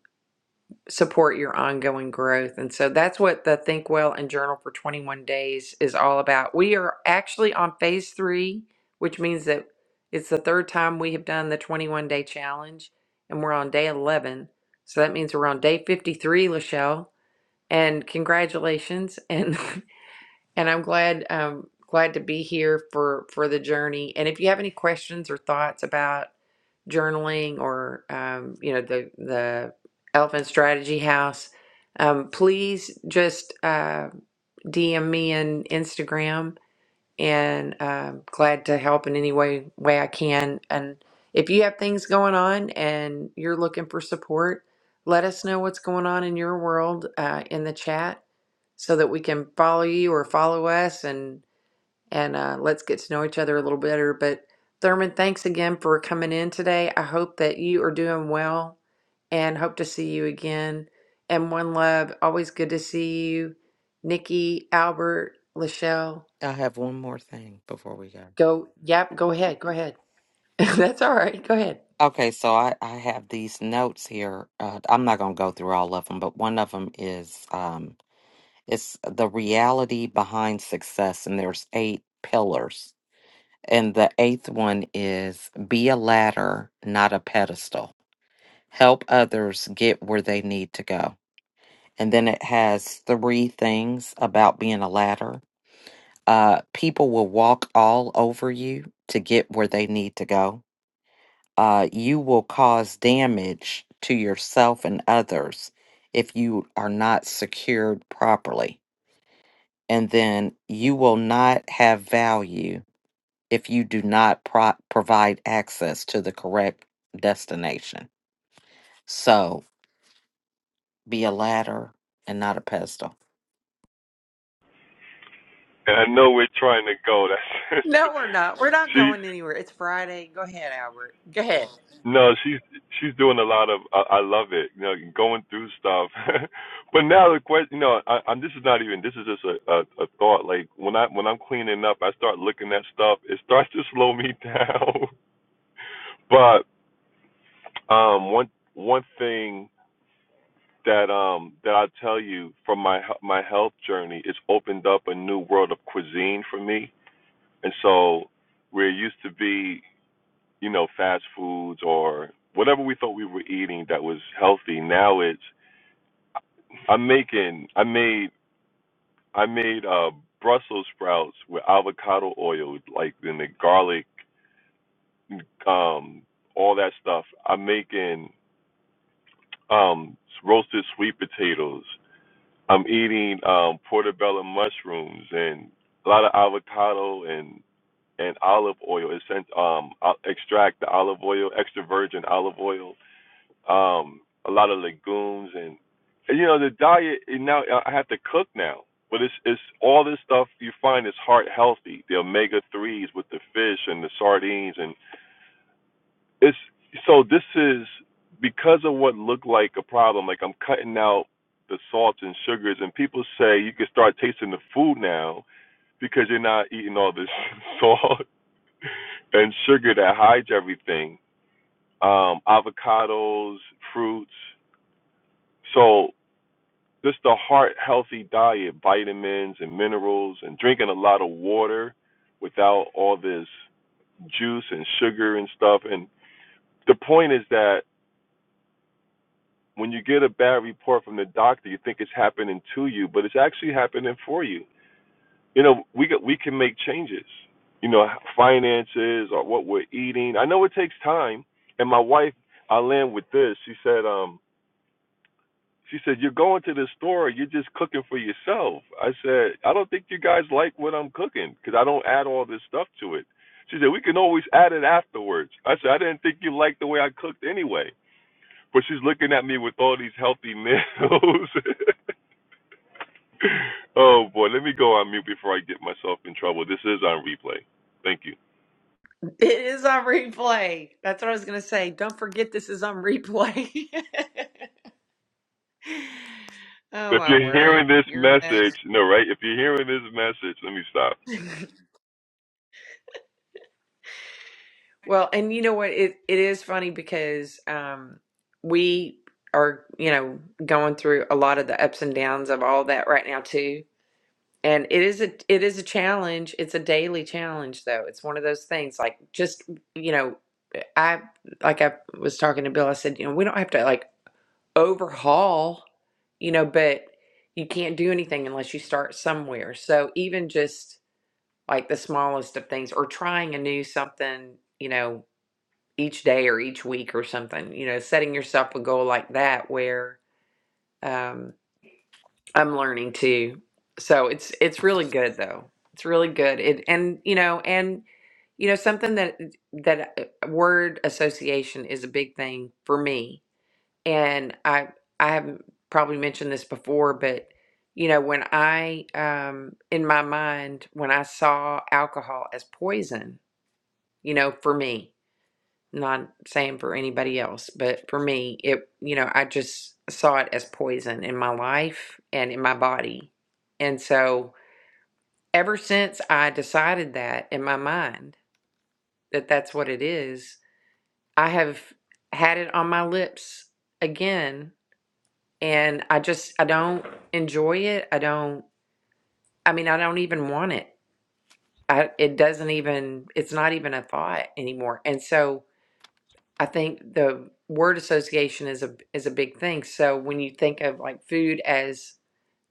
S1: support your ongoing growth. And so that's what the Think Well and Journal for 21 Days is all about. We are actually on phase three, which means that it's the third time we have done the 21 day challenge, and we're on day 11. So that means we're on day 53, Lachelle. And congratulations. And [LAUGHS] And I'm glad um glad to be here for for the journey. And if you have any questions or thoughts about journaling or um, you know the the elephant strategy house um, please just uh, dm me on instagram and um, glad to help in any way way I can. And if you have things going on and you're looking for support, let us know what's going on in your world uh, in the chat, so that we can follow you or follow us, and and uh, let's get to know each other a little better. But Thurman, thanks again for coming in today. I hope that you are doing well, and hope to see you again. And one love, always good to see you, Nikki, Albert, Lachelle.
S2: I have one more thing before we go.
S1: Go, yep, go ahead. Go ahead. [LAUGHS] That's all right. Go ahead.
S2: Okay, so I, I have these notes here. Uh, I'm not going to go through all of them, but one of them is um, it's the reality behind success, and there's eight pillars. And the eighth one is be a ladder, not a pedestal. Help others get where they need to go. And then it has three things about being a ladder. Uh, people will walk all over you to get where they need to go uh, you will cause damage to yourself and others if you are not secured properly. And then you will not have value if you do not pro- provide access to the correct destination. So be a ladder and not a pedestal.
S3: And I know we're trying to go. That's
S1: No, we're not. We're
S3: [LAUGHS]
S1: not
S3: she.
S1: going anywhere. It's Friday. Go ahead, Albert. Go ahead. [LAUGHS]
S3: No, she's she's doing a lot of. I, I love it. You know, going through stuff. [LAUGHS] but now the question, you know, I, i This is not even. This is just a, a a thought. Like when I when I'm cleaning up, I start looking at stuff. It starts to slow me [LAUGHS] down. but um, one one thing that um that I tell you from my he- my health journey, it's opened up a new world of cuisine for me. And so where are used to be you know, fast foods or whatever we thought we were eating that was healthy. Now it's I'm making I made I made uh Brussels sprouts with avocado oil, like in the garlic, um, all that stuff. I'm making um roasted sweet potatoes. I'm eating um portobello mushrooms and a lot of avocado and and olive oil. It's sent um I extract the olive oil, extra virgin olive oil um, a lot of legumes and, and you know the diet. And now I have to cook now, but it's it's all this stuff you find is heart healthy. The omega threes with the fish and the sardines, and it's so this is because of what looked like a problem. Like I'm cutting out the salts and sugars, and people say you can start tasting the food now because you're not eating all this [LAUGHS] salt and sugar that hides everything. Um, avocados, fruits. So Just a heart healthy diet, vitamins and minerals, and drinking a lot of water without all this juice and sugar and stuff. And the point is that when you get a bad report from the doctor, you think it's happening to you, but it's actually happening for you. You know, we can, we can make changes. You know, finances or what we're eating. I know it takes time. And my wife, I land with this. She said, um, She said, You're going to the store, you're just cooking for yourself. I said, I don't think you guys like what I'm cooking because I don't add all this stuff to it. She said, We can always add it afterwards. I said, I didn't think you liked the way I cooked anyway. But she's looking at me with all these healthy meals. [LAUGHS] oh boy, let me go on mute before I get myself in trouble. This is on replay. Thank you.
S1: It is on replay. That's what I was going to say. Don't forget this is on replay. [LAUGHS] oh,
S3: If
S1: my
S3: you're hearing
S1: word.
S3: this
S1: You're a
S3: message,
S1: mess.
S3: no, right? If you're hearing this message, let me stop.
S1: [LAUGHS] Well, and you know what? It it is funny because um, we are, you know, going through a lot of the ups and downs of all that right now too. And it is a it is a challenge. It's a daily challenge though. It's one of those things like just you know, I like I was talking to Bill, I said, you know, we don't have to like overhaul, you know, but you can't do anything unless you start somewhere. So even just like the smallest of things or trying a new something, you know, each day or each week or something, you know, setting yourself a goal like that where um, I'm learning too. So it's it's really good though. It's really good. It and you know and you know something that that uh, word association is a big thing for me. And I I haven't probably mentioned this before, but you know when I um in my mind when I saw alcohol as poison, you know for me not saying for anybody else, but for me, it, you know, I just saw it as poison in my life and in my body. And so ever since I decided that in my mind that that's what it is, I have had it on my lips again. And I just, I don't enjoy it. I don't, I mean, I don't even want it. I, it doesn't even, it's not even a thought anymore. And so, I think the word association is a is a big thing. So when you think of like food as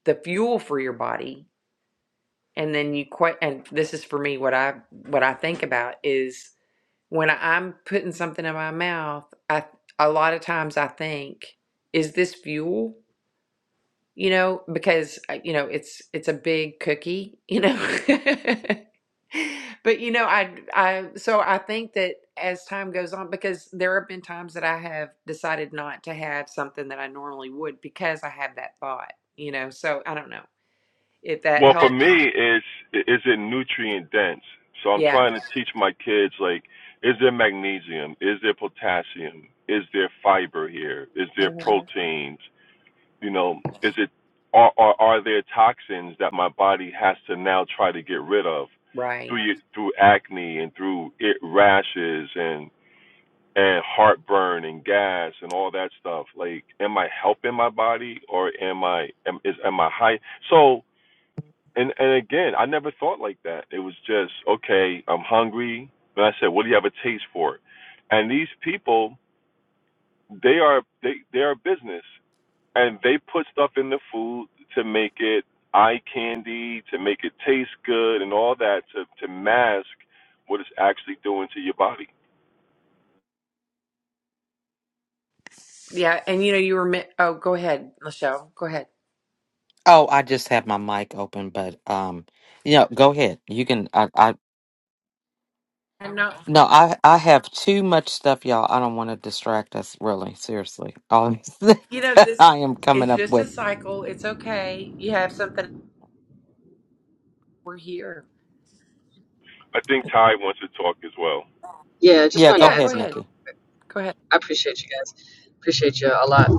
S1: the fuel for your body, and then you quite and this is for me what I what I think about is when I'm putting something in my mouth, I a lot of times I think, is this fuel? you know, because uh, you know it's it's a big cookie, you know. [LAUGHS] But you know, I I so I think that as time goes on, because there have been times that I have decided not to have something that I normally would because I have that thought, you know. So I don't know if that Yeah.
S3: Well, for
S1: helps.
S3: me, it's is it nutrient dense? So I'm
S1: Yeah.
S3: trying to teach my kids like, is there magnesium? Is there potassium? Is there fiber here? Is there
S1: Mhm.
S3: proteins? You know, is it are are, are there toxins that my body has to now try to get rid of
S1: Right.
S3: through your, through acne and through it rashes and and heartburn and gas and all that stuff? Like, am I helping my body or am I am is am I high? So and and again, I never thought like that. It was just okay. I'm hungry, and I said, "What do you have a taste for?" And these people, they are they they are a business, and they put stuff in the food to make it eye candy, to make it taste good, and all that to to mask what it's actually doing to your body.
S1: Yeah, and you know, you were mi- oh, go ahead, Michelle. Go ahead.
S2: Oh, I just had my mic open, but um, you know, go ahead. You can. I, I
S1: I'm not.
S2: no, I I have too much stuff, y'all. I don't want to distract us. Really, seriously, all [LAUGHS] these things
S1: You know,
S2: that I
S1: this
S2: am coming
S1: it's
S2: up
S1: just
S2: with.
S1: a cycle. It's okay. You have something. We're here.
S3: I think Ty wants to talk as well.
S4: Yeah, I just
S2: Yeah,
S4: wanted
S2: go
S4: to
S1: Yeah,
S4: add
S1: go
S4: something.
S2: ahead,
S1: ahead.
S2: Nikki.
S1: Go ahead.
S4: I appreciate you guys. Appreciate you a lot.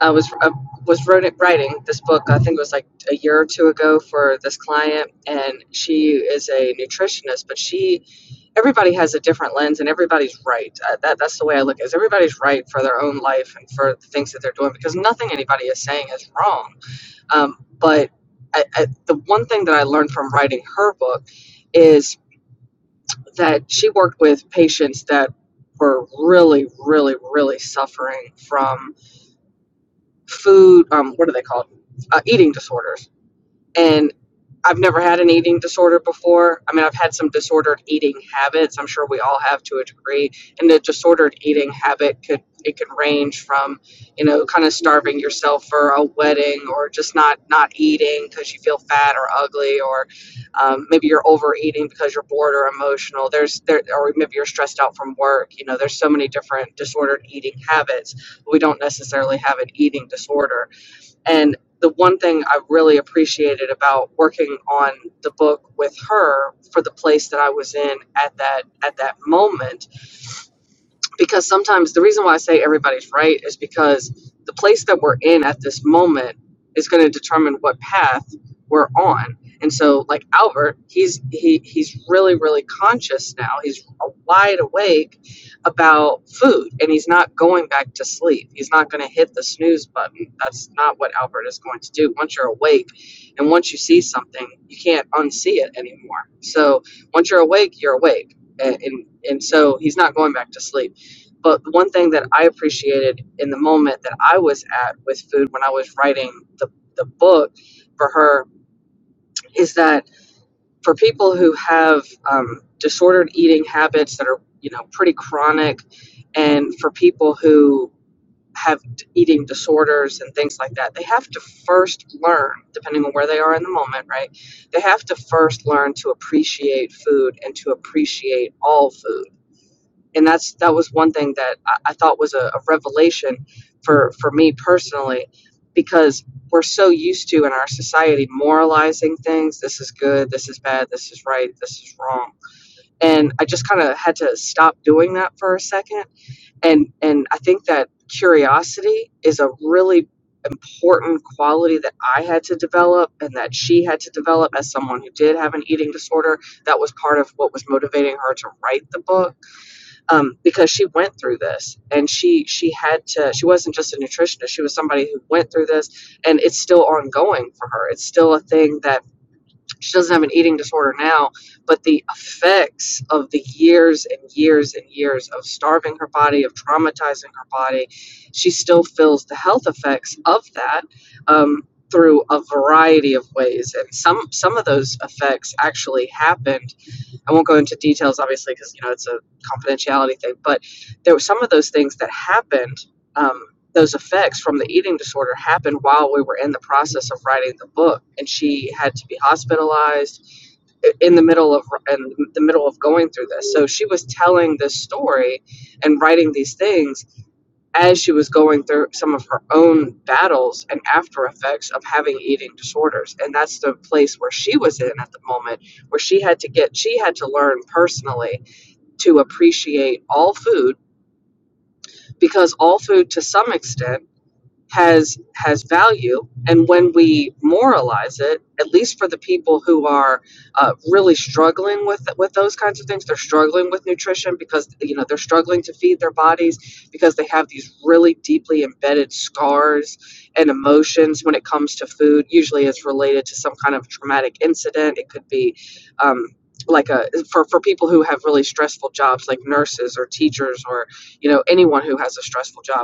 S4: I was I was wrote, writing this book. I think it was like a year or two ago for this client, and she is a nutritionist. But she, everybody has a different lens, and everybody's right. Uh, that that's the way I look at it. is Everybody's right for their own life and for the things that they're doing because nothing anybody is saying is wrong. Um, but I, I, the one thing that I learned from writing her book is that she worked with patients that were really, really, really suffering from food um, what do they call it uh, eating disorders and I've never had an eating disorder before. I mean, I've had some disordered eating habits. I'm sure we all have to a degree. And the disordered eating habit could it could range from, you know, kind of starving yourself for a wedding or just not not eating because you feel fat or ugly or um, maybe you're overeating because you're bored or emotional. There's there or maybe you're stressed out from work. You know, there's so many different disordered eating habits. We don't necessarily have an eating disorder and the one thing I really appreciated about working on the book with her for the place that I was in at that at that moment because sometimes the reason why I say everybody's right is because the place that we're in at this moment is going to determine what path we're on. And so like Albert, he's he he's really really conscious now. He's wide awake about food and he's not going back to sleep. He's not going to hit the snooze button. That's not what Albert is going to do. Once you're awake and once you see something, you can't unsee it anymore. So once you're awake, you're awake. And and, and so he's not going back to sleep but one thing that I appreciated in the moment that I was at with food when I was writing the, the book for her is that for people who have um, disordered eating habits that are, you know, pretty chronic, and for people who have d- eating disorders and things like that, they have to first learn, depending on where they are in the moment, right? They have to first learn to appreciate food and to appreciate all food and that's that was one thing that I, I thought was a, a revelation for for me personally because we're so used to in our society moralizing things this is good this is bad this is right this is wrong and i just kind of had to stop doing that for a second and and i think that curiosity is a really important quality that i had to develop and that she had to develop as someone who did have an eating disorder that was part of what was motivating her to write the book um, because she went through this and she she had to she wasn't just a nutritionist she was somebody who went through this and it's still ongoing for her it's still a thing that she doesn't have an eating disorder now but the effects of the years and years and years of starving her body of traumatizing her body she still feels the health effects of that um, through a variety of ways and some some of those effects actually happened I won't go into details, obviously, because you know it's a confidentiality thing. But there were some of those things that happened. Um, those effects from the eating disorder happened while we were in the process of writing the book, and she had to be hospitalized in the middle of in the middle of going through this. So she was telling this story and writing these things as she was going through some of her own battles and after effects of having eating disorders and that's the place where she was in at the moment where she had to get she had to learn personally to appreciate all food because all food to some extent has has value and when we moralize it at least for the people who are uh, really struggling with with those kinds of things they're struggling with nutrition because you know they're struggling to feed their bodies because they have these really deeply embedded scars and emotions when it comes to food usually it's related to some kind of traumatic incident it could be um, like a for, for people who have really stressful jobs like nurses or teachers or you know anyone who has a stressful job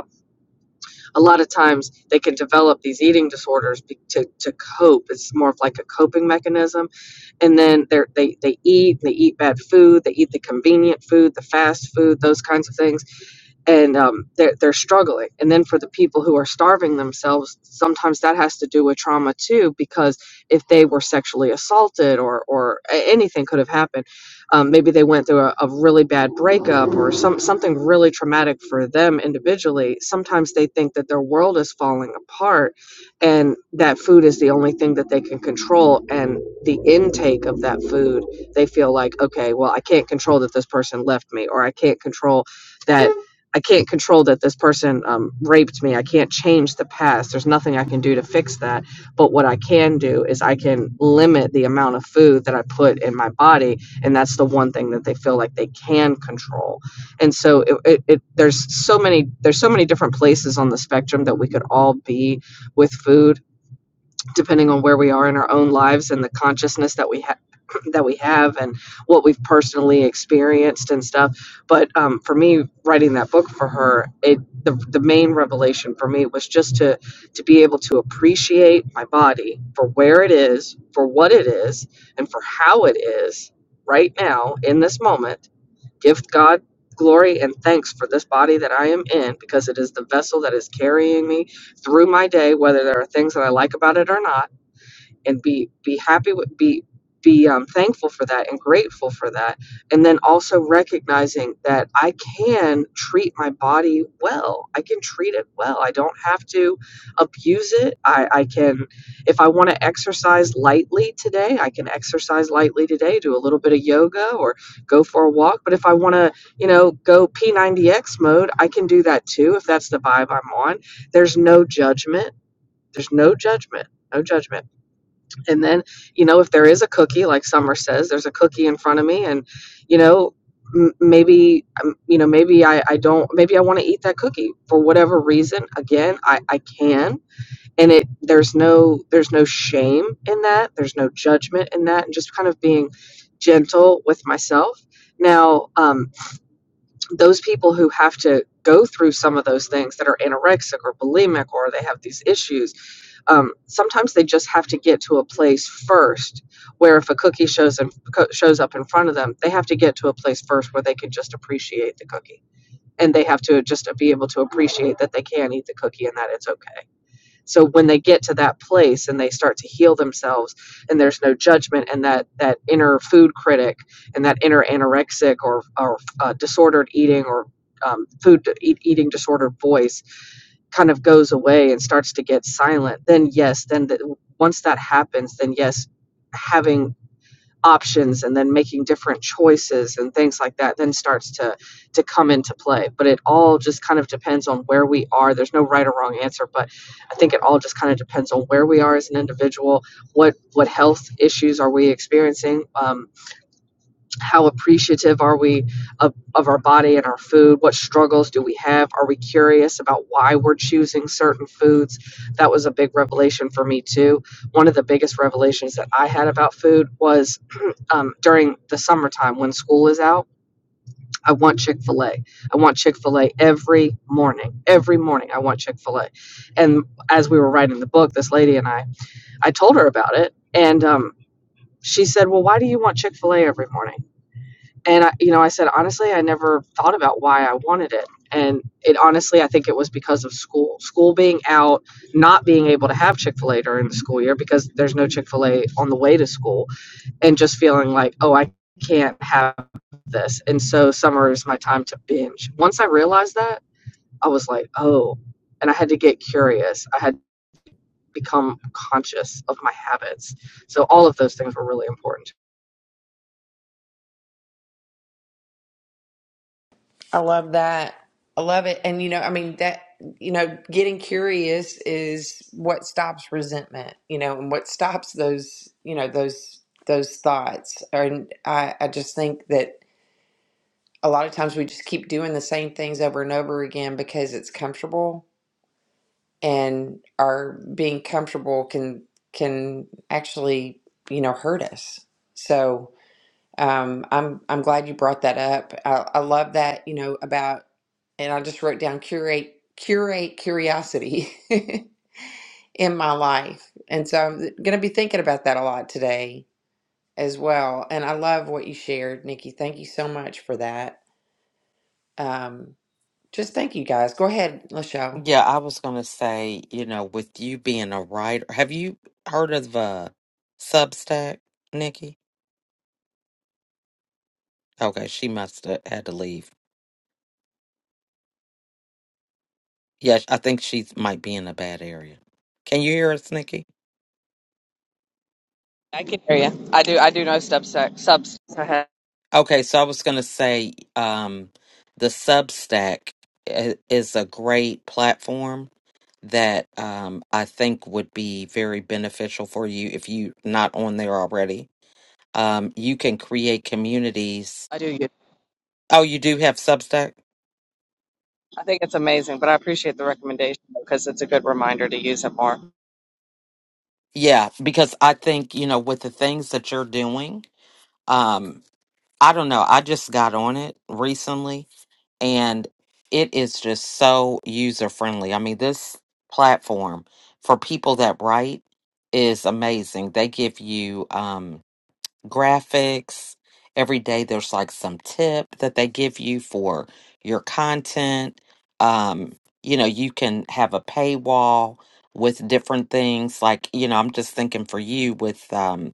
S4: a lot of times they can develop these eating disorders be- to, to cope. It's more of like a coping mechanism. And then they're, they, they eat, they eat bad food, they eat the convenient food, the fast food, those kinds of things and um, they're, they're struggling. And then for the people who are starving themselves, sometimes that has to do with trauma too, because if they were sexually assaulted or, or a- anything could have happened, um, maybe they went through a, a really bad breakup or some, something really traumatic for them individually. Sometimes they think that their world is falling apart and that food is the only thing that they can control. And the intake of that food, they feel like, okay, well, I can't control that this person left me or I can't control that I can't control that this person um, raped me. I can't change the past. There's nothing I can do to fix that. But what I can do is I can limit the amount of food that I put in my body, and that's the one thing that they feel like they can control. And so it, it, it there's so many there's so many different places on the spectrum that we could all be with food depending on where we are in our own lives and the consciousness that we have [CLEARS THROAT] that we have and what we've personally experienced and stuff but um, for me writing that book for her it the, the main revelation for me was just to to be able to appreciate my body for where it is for what it is and for how it is right now in this moment give god glory and thanks for this body that i am in because it is the vessel that is carrying me through my day whether there are things that i like about it or not and be be happy with be be um, thankful for that and grateful for that and then also recognizing that i can treat my body well i can treat it well i don't have to abuse it i, I can if i want to exercise lightly today i can exercise lightly today do a little bit of yoga or go for a walk but if i want to you know go p90x mode i can do that too if that's the vibe i'm on there's no judgment there's no judgment no judgment and then, you know, if there is a cookie, like Summer says, there's a cookie in front of me, and you know, m- maybe, um, you know, maybe I, I don't, maybe I want to eat that cookie for whatever reason. Again, I, I can, and it there's no there's no shame in that. There's no judgment in that, and just kind of being gentle with myself. Now, um, those people who have to go through some of those things that are anorexic or bulimic, or they have these issues um, sometimes they just have to get to a place first where if a cookie shows in, co- shows up in front of them, they have to get to a place first where they can just appreciate the cookie. And they have to just be able to appreciate that they can eat the cookie and that it's okay. So when they get to that place and they start to heal themselves, and there's no judgment, and that that inner food critic and that inner anorexic or or uh, disordered eating or um, food eat, eating disordered voice kind of goes away and starts to get silent, then yes, then th- once that happens, then yes, having options and then making different choices and things like that then starts to to come into play but it all just kind of depends on where we are there's no right or wrong answer but i think it all just kind of depends on where we are as an individual what what health issues are we experiencing um, how appreciative are we of, of our body and our food what struggles do we have are we curious about why we're choosing certain foods that was a big revelation for me too one of the biggest revelations that i had about food was [CLEARS THROAT] um, during the summertime when school is out i want chick-fil-a i want chick-fil-a every morning every morning i want chick-fil-a and as we were writing the book this lady and i i told her about it and um, she said well why do you want chick-fil-a every morning and I, you know, I said honestly, I never thought about why I wanted it, and it honestly, I think it was because of school, school being out, not being able to have Chick Fil A during the school year because there's no Chick Fil A on the way to school, and just feeling like, oh, I can't have this, and so summer is my time to binge. Once I realized that, I was like, oh, and I had to get curious. I had become conscious of my habits, so all of those things were really important.
S1: I love that. I love it. And, you know, I mean, that, you know, getting curious is what stops resentment, you know, and what stops those, you know, those, those thoughts. And I, I just think that a lot of times we just keep doing the same things over and over again because it's comfortable and our being comfortable can, can actually, you know, hurt us. So, um, I'm I'm glad you brought that up. I, I love that, you know, about and I just wrote down curate curate curiosity [LAUGHS] in my life. And so I'm going to be thinking about that a lot today as well. And I love what you shared, Nikki. Thank you so much for that. Um, just thank you guys. Go ahead, Lachelle.
S2: Yeah, I was gonna say, you know, with you being a writer, have you heard of uh, Substack, Nikki? Okay, she must have had to leave. Yeah, I think she might be in a bad area. Can you hear us, Nikki?
S4: I can hear you. I do. I do know sub sub
S2: Okay, so I was going to say um, the Substack i- is a great platform that um, I think would be very beneficial for you if you're not on there already. Um, you can create communities.
S4: I do use.
S2: Oh, you do have Substack?
S4: I think it's amazing, but I appreciate the recommendation because it's a good reminder to use it more.
S2: Yeah, because I think, you know, with the things that you're doing, um, I don't know. I just got on it recently and it is just so user friendly. I mean, this platform for people that write is amazing. They give you um, graphics every day. There's like some tip that they give you for your content. Um, you know, you can have a paywall with different things. Like, you know, I'm just thinking for you with. Um,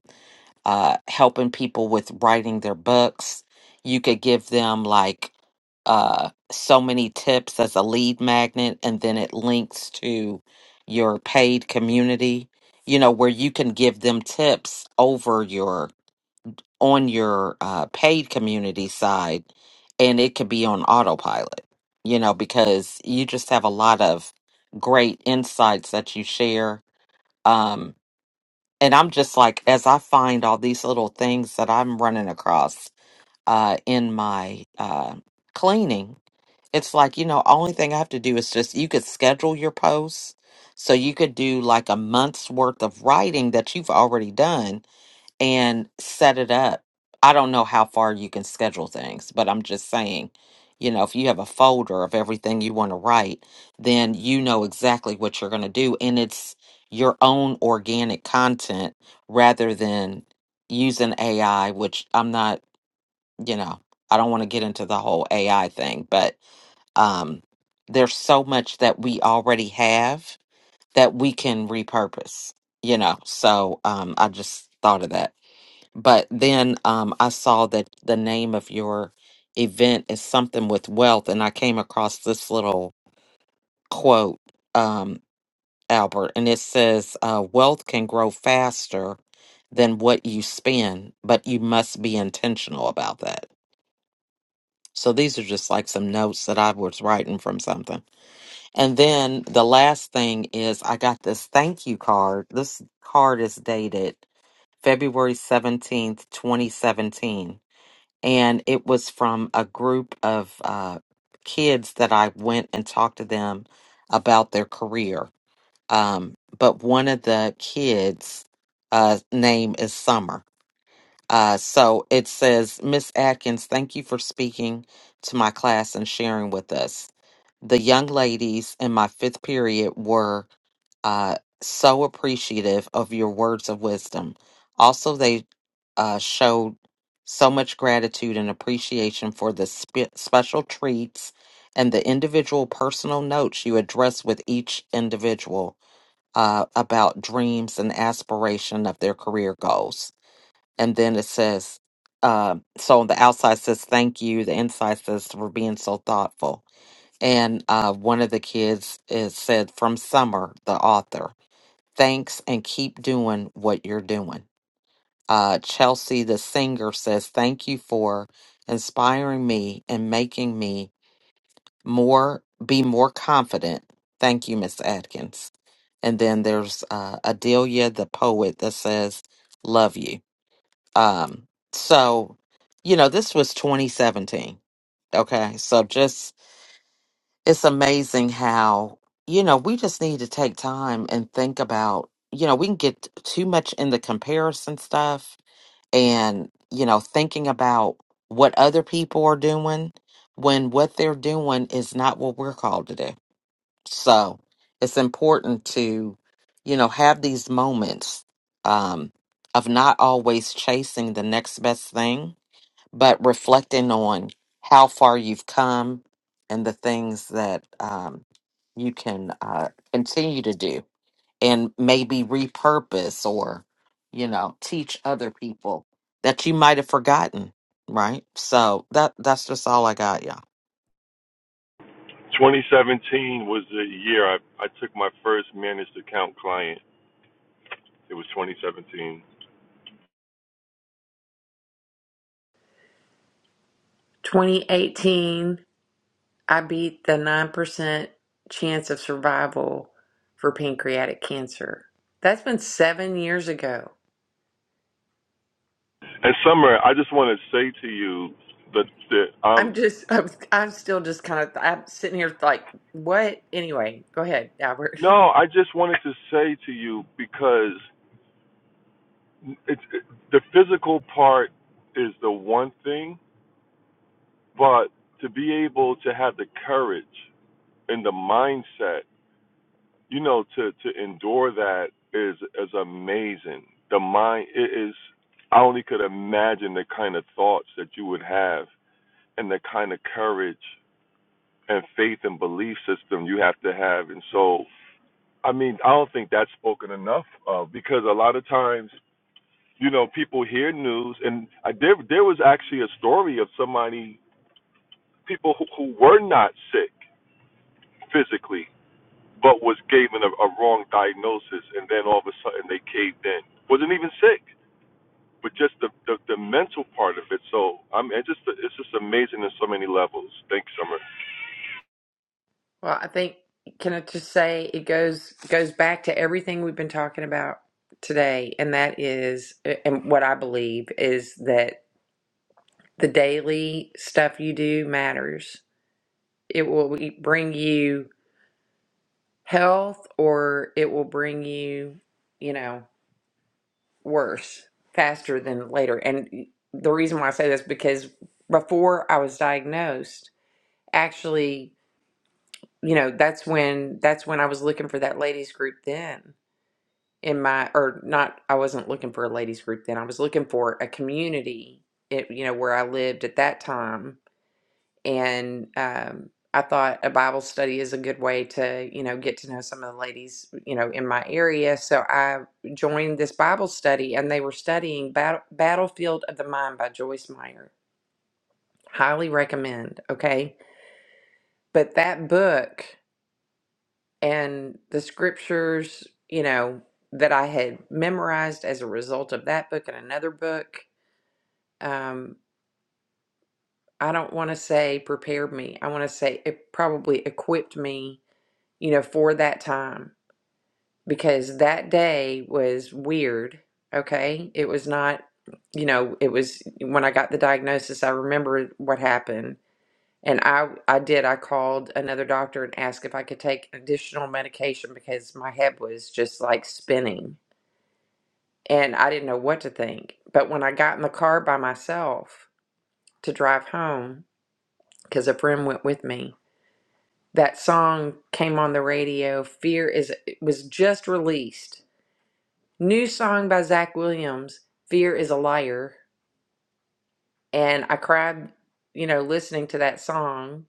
S2: uh, helping people with writing their books. You could give them like uh, so many tips as a lead magnet, and then it links to your paid community. You know where you can give them tips over your on your uh, paid community side, and it could be on autopilot. You know because you just have a lot of great insights that you share. Um, and I'm just like, as I find all these little things that I'm running across uh, in my uh, cleaning, it's like, you know, only thing I have to do is just, you could schedule your posts. So you could do like a month's worth of writing that you've already done and set it up. I don't know how far you can schedule things, but I'm just saying, you know, if you have a folder of everything you want to write, then you know exactly what you're going to do. And it's your own organic content rather than using AI, which I'm not, you know, I don't want to get into the whole AI thing, but um, there's so much that we already have that we can repurpose, you know. So um, I just thought of that. But then um, I saw that the name of your event is something with wealth, and I came across this little quote, um, Albert, and it says, uh, Wealth can grow faster than what you spend, but you must be intentional about that. So these are just like some notes that I was writing from something. And then the last thing is I got this thank you card. This card is dated February 17th, 2017 and it was from a group of uh, kids that I went and talked to them about their career. Um, but one of the kids' uh, name is Summer, uh, so it says, Miss Atkins, thank you for speaking to my class and sharing with us. The young ladies in my fifth period were uh, so appreciative of your words of wisdom. Also, they uh, showed so much gratitude and appreciation for the spe- special treats and the individual personal notes you addressed with each individual uh, about dreams and aspiration of their career goals and then it says uh, so on the outside says thank you the inside says for being so thoughtful and uh, one of the kids is said from summer the author thanks and keep doing what you're doing uh, chelsea the singer says thank you for inspiring me and making me more be more confident thank you miss atkins and then there's uh, adelia the poet that says love you um, so, you know, this was 2017. Okay. So just, it's amazing how, you know, we just need to take time and think about, you know, we can get too much in the comparison stuff and, you know, thinking about what other people are doing when what they're doing is not what we're called to do. So it's important to, you know, have these moments, um, of not always chasing the next best thing but reflecting on how far you've come and the things that um, you can uh, continue to do and maybe repurpose or you know teach other people that you might have forgotten right so that that's just all i got y'all
S3: 2017 was the year I I took my first managed account client. It was 2017.
S1: 2018, I beat the 9% chance of survival for pancreatic cancer. That's been seven years ago.
S3: And Summer, I just want to say to you that, that
S1: I'm
S3: um
S1: just, I'm, I'm still just kind of, I'm sitting here like, what? Anyway, go ahead, Albert.
S3: no, I just wanted to say to you because it's it, the physical part is the one thing, but to be able to have the courage and the mindset, you know, to to endure that is is amazing. The mind it is I only could imagine the kind of thoughts that you would have and the kind of courage and faith and belief system you have to have. And so, I mean, I don't think that's spoken enough of because a lot of times, you know, people hear news, and I, there there was actually a story of somebody, people who, who were not sick physically, but was given a, a wrong diagnosis, and then all of a sudden they caved in, wasn't even sick, but just the the, the mental part of it. So I'm it's just it's just amazing in so many levels. Thanks, Summer.
S1: Well, I think, can I just say it goes, goes back to everything we've been talking about today. And that is, and what I believe is that the daily stuff you do matters. It will bring you health or it will bring you, you know, worse faster than later. And the reason why I say this because before I was diagnosed, actually, you know, that's when that's when I was looking for that ladies group then in my or not I wasn't looking for a ladies group then. I was looking for a community, it, you know, where I lived at that time and um I thought a Bible study is a good way to, you know, get to know some of the ladies, you know, in my area. So I joined this Bible study and they were studying Bat- Battlefield of the Mind by Joyce Meyer. Highly recommend, okay? But that book and the scriptures, you know, that I had memorized as a result of that book and another book, um, I don't want to say prepared me. I want to say it probably equipped me, you know, for that time because that day was weird. Okay. It was not, you know, it was when I got the diagnosis, I remember what happened. And I, I did. I called another doctor and asked if I could take additional medication because my head was just like spinning and I didn't know what to think. But when I got in the car by myself to drive home, because a friend went with me, that song came on the radio. Fear is it was just released. New song by Zach Williams, Fear is a Liar. And I cried, you know, listening to that song.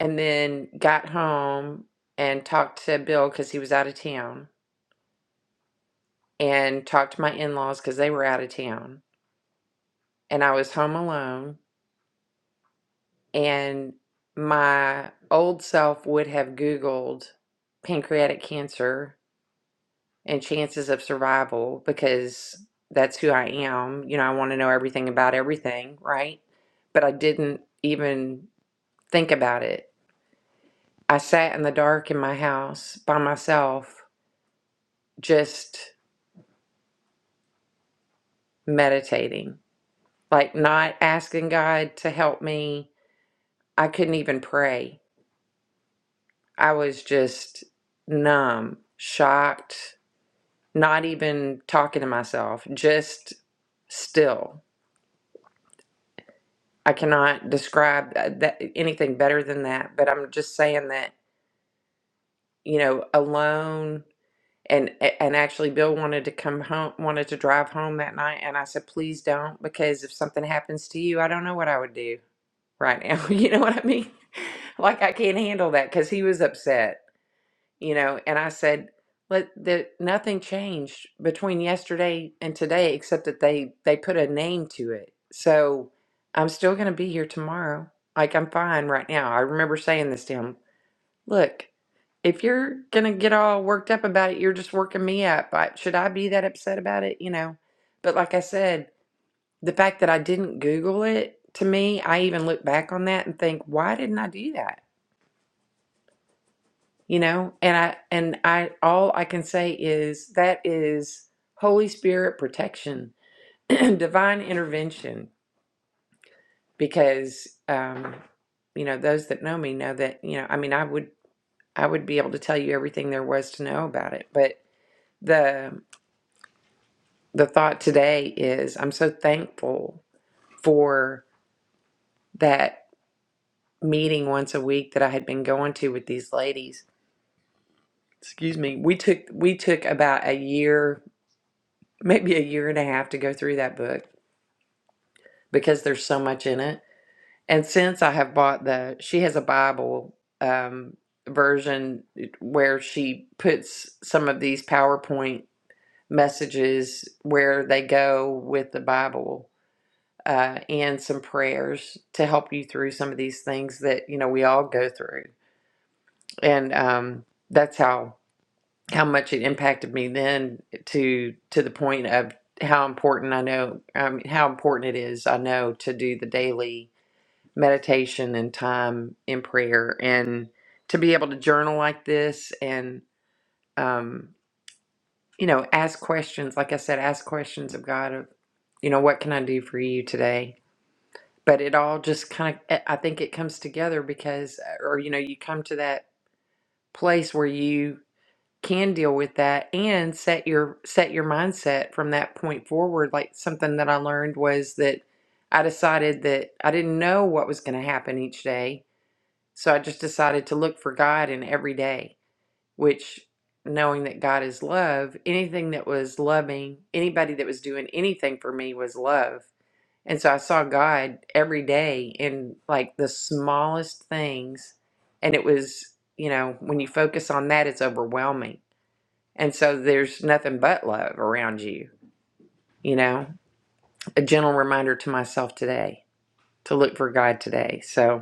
S1: And then got home and talked to Bill because he was out of town and talked to my in laws because they were out of town. And I was home alone and my old self would have Googled pancreatic cancer and chances of survival because that's who I am. You know, I want to know everything about everything, right? But I didn't even think about it. I sat in the dark in my house by myself, just meditating, like not asking God to help me. I couldn't even pray. I was just numb, shocked, not even talking to myself, just still. I cannot describe uh, that, anything better than that, but I'm just saying that, you know, alone and and actually Bill wanted to come home wanted to drive home that night and I said please don't because if something happens to you, I don't know what I would do right now. [LAUGHS] You know what I mean? [LAUGHS] Like I can't handle that cuz he was upset you know and i said let the nothing changed between yesterday and today except that they they put a name to it so i'm still going to be here tomorrow like i'm fine right now i remember saying this to him look if you're going to get all worked up about it you're just working me up I, should i be that upset about it you know but like i said the fact that i didn't google it to me i even look back on that and think why didn't i do that you know and i and i all i can say is that is holy spirit protection [CLEARS THROAT] divine intervention because um you know those that know me know that you know i mean i would i would be able to tell you everything there was to know about it but the the thought today is i'm so thankful for that meeting once a week that i had been going to with these ladies excuse me we took we took about a year maybe a year and a half to go through that book because there's so much in it. And since I have bought the, she has a Bible um, version where she puts some of these PowerPoint messages where they go with the Bible uh, and some prayers to help you through some of these things that you know we all go through. And um, that's how how much it impacted me then to to the point of how important I know, I mean, how important it is I know to do the daily meditation and time in prayer and to be able to journal like this and um you know ask questions like i said ask questions of god of you know what can i do for you today but it all just kind of i think it comes together because uh, or you know you come to that place where you can deal with that and set your set your mindset from that point forward like something that i learned was that i decided that i didn't know what was going to happen each day So I just decided to look for God in every day, which knowing that God is love, anything that was loving, anybody that was doing anything for me was love. And so I saw God every day in like the smallest things. And it was, you know, when you focus on that, it's overwhelming. And so there's nothing but love around you, you know, a gentle reminder to myself today to look for God today. So,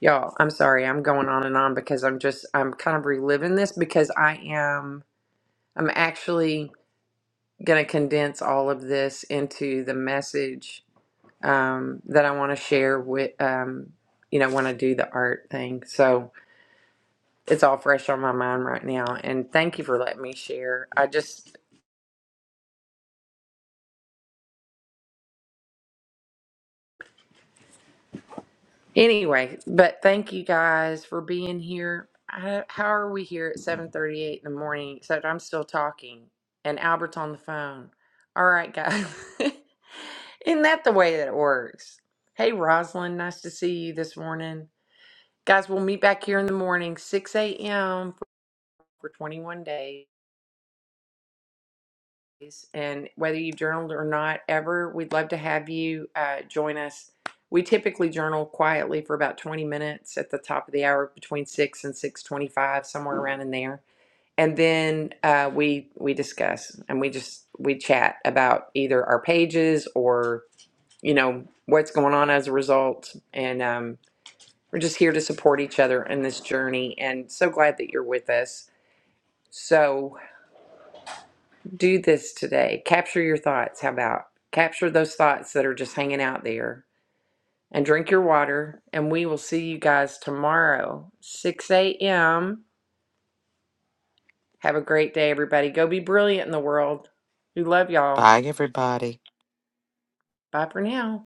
S1: Y'all, I'm sorry. I'm going on and on because I'm just I'm kind of reliving this because I am I'm actually going to condense all of this into the message um, that I want to share with um, you know when I do the art thing. So it's all fresh on my mind right now. And thank you for letting me share. I just Anyway, but thank you guys for being here. I, how are we here at 7:38 in the morning except I'm still talking and Albert's on the phone. All right, guys. [LAUGHS] Isn't that the way that it works? Hey, Rosalind, nice to see you this morning. Guys, we'll meet back here in the morning, 6 a.m. for 21 days. and whether you've journaled or not ever, we'd love to have you uh, join us. We typically journal quietly for about 20 minutes at the top of the hour, between six and 6:25, somewhere around in there, and then uh, we we discuss and we just we chat about either our pages or you know what's going on as a result, and um, we're just here to support each other in this journey. And so glad that you're with us. So. do this today. Capture your thoughts. How about capture those thoughts that are just hanging out there and drink your water? And we will see you guys tomorrow, 6 a.m. Have a great day, everybody. Go be brilliant in the world. We love y'all.
S2: bye everybody
S1: Bye for now.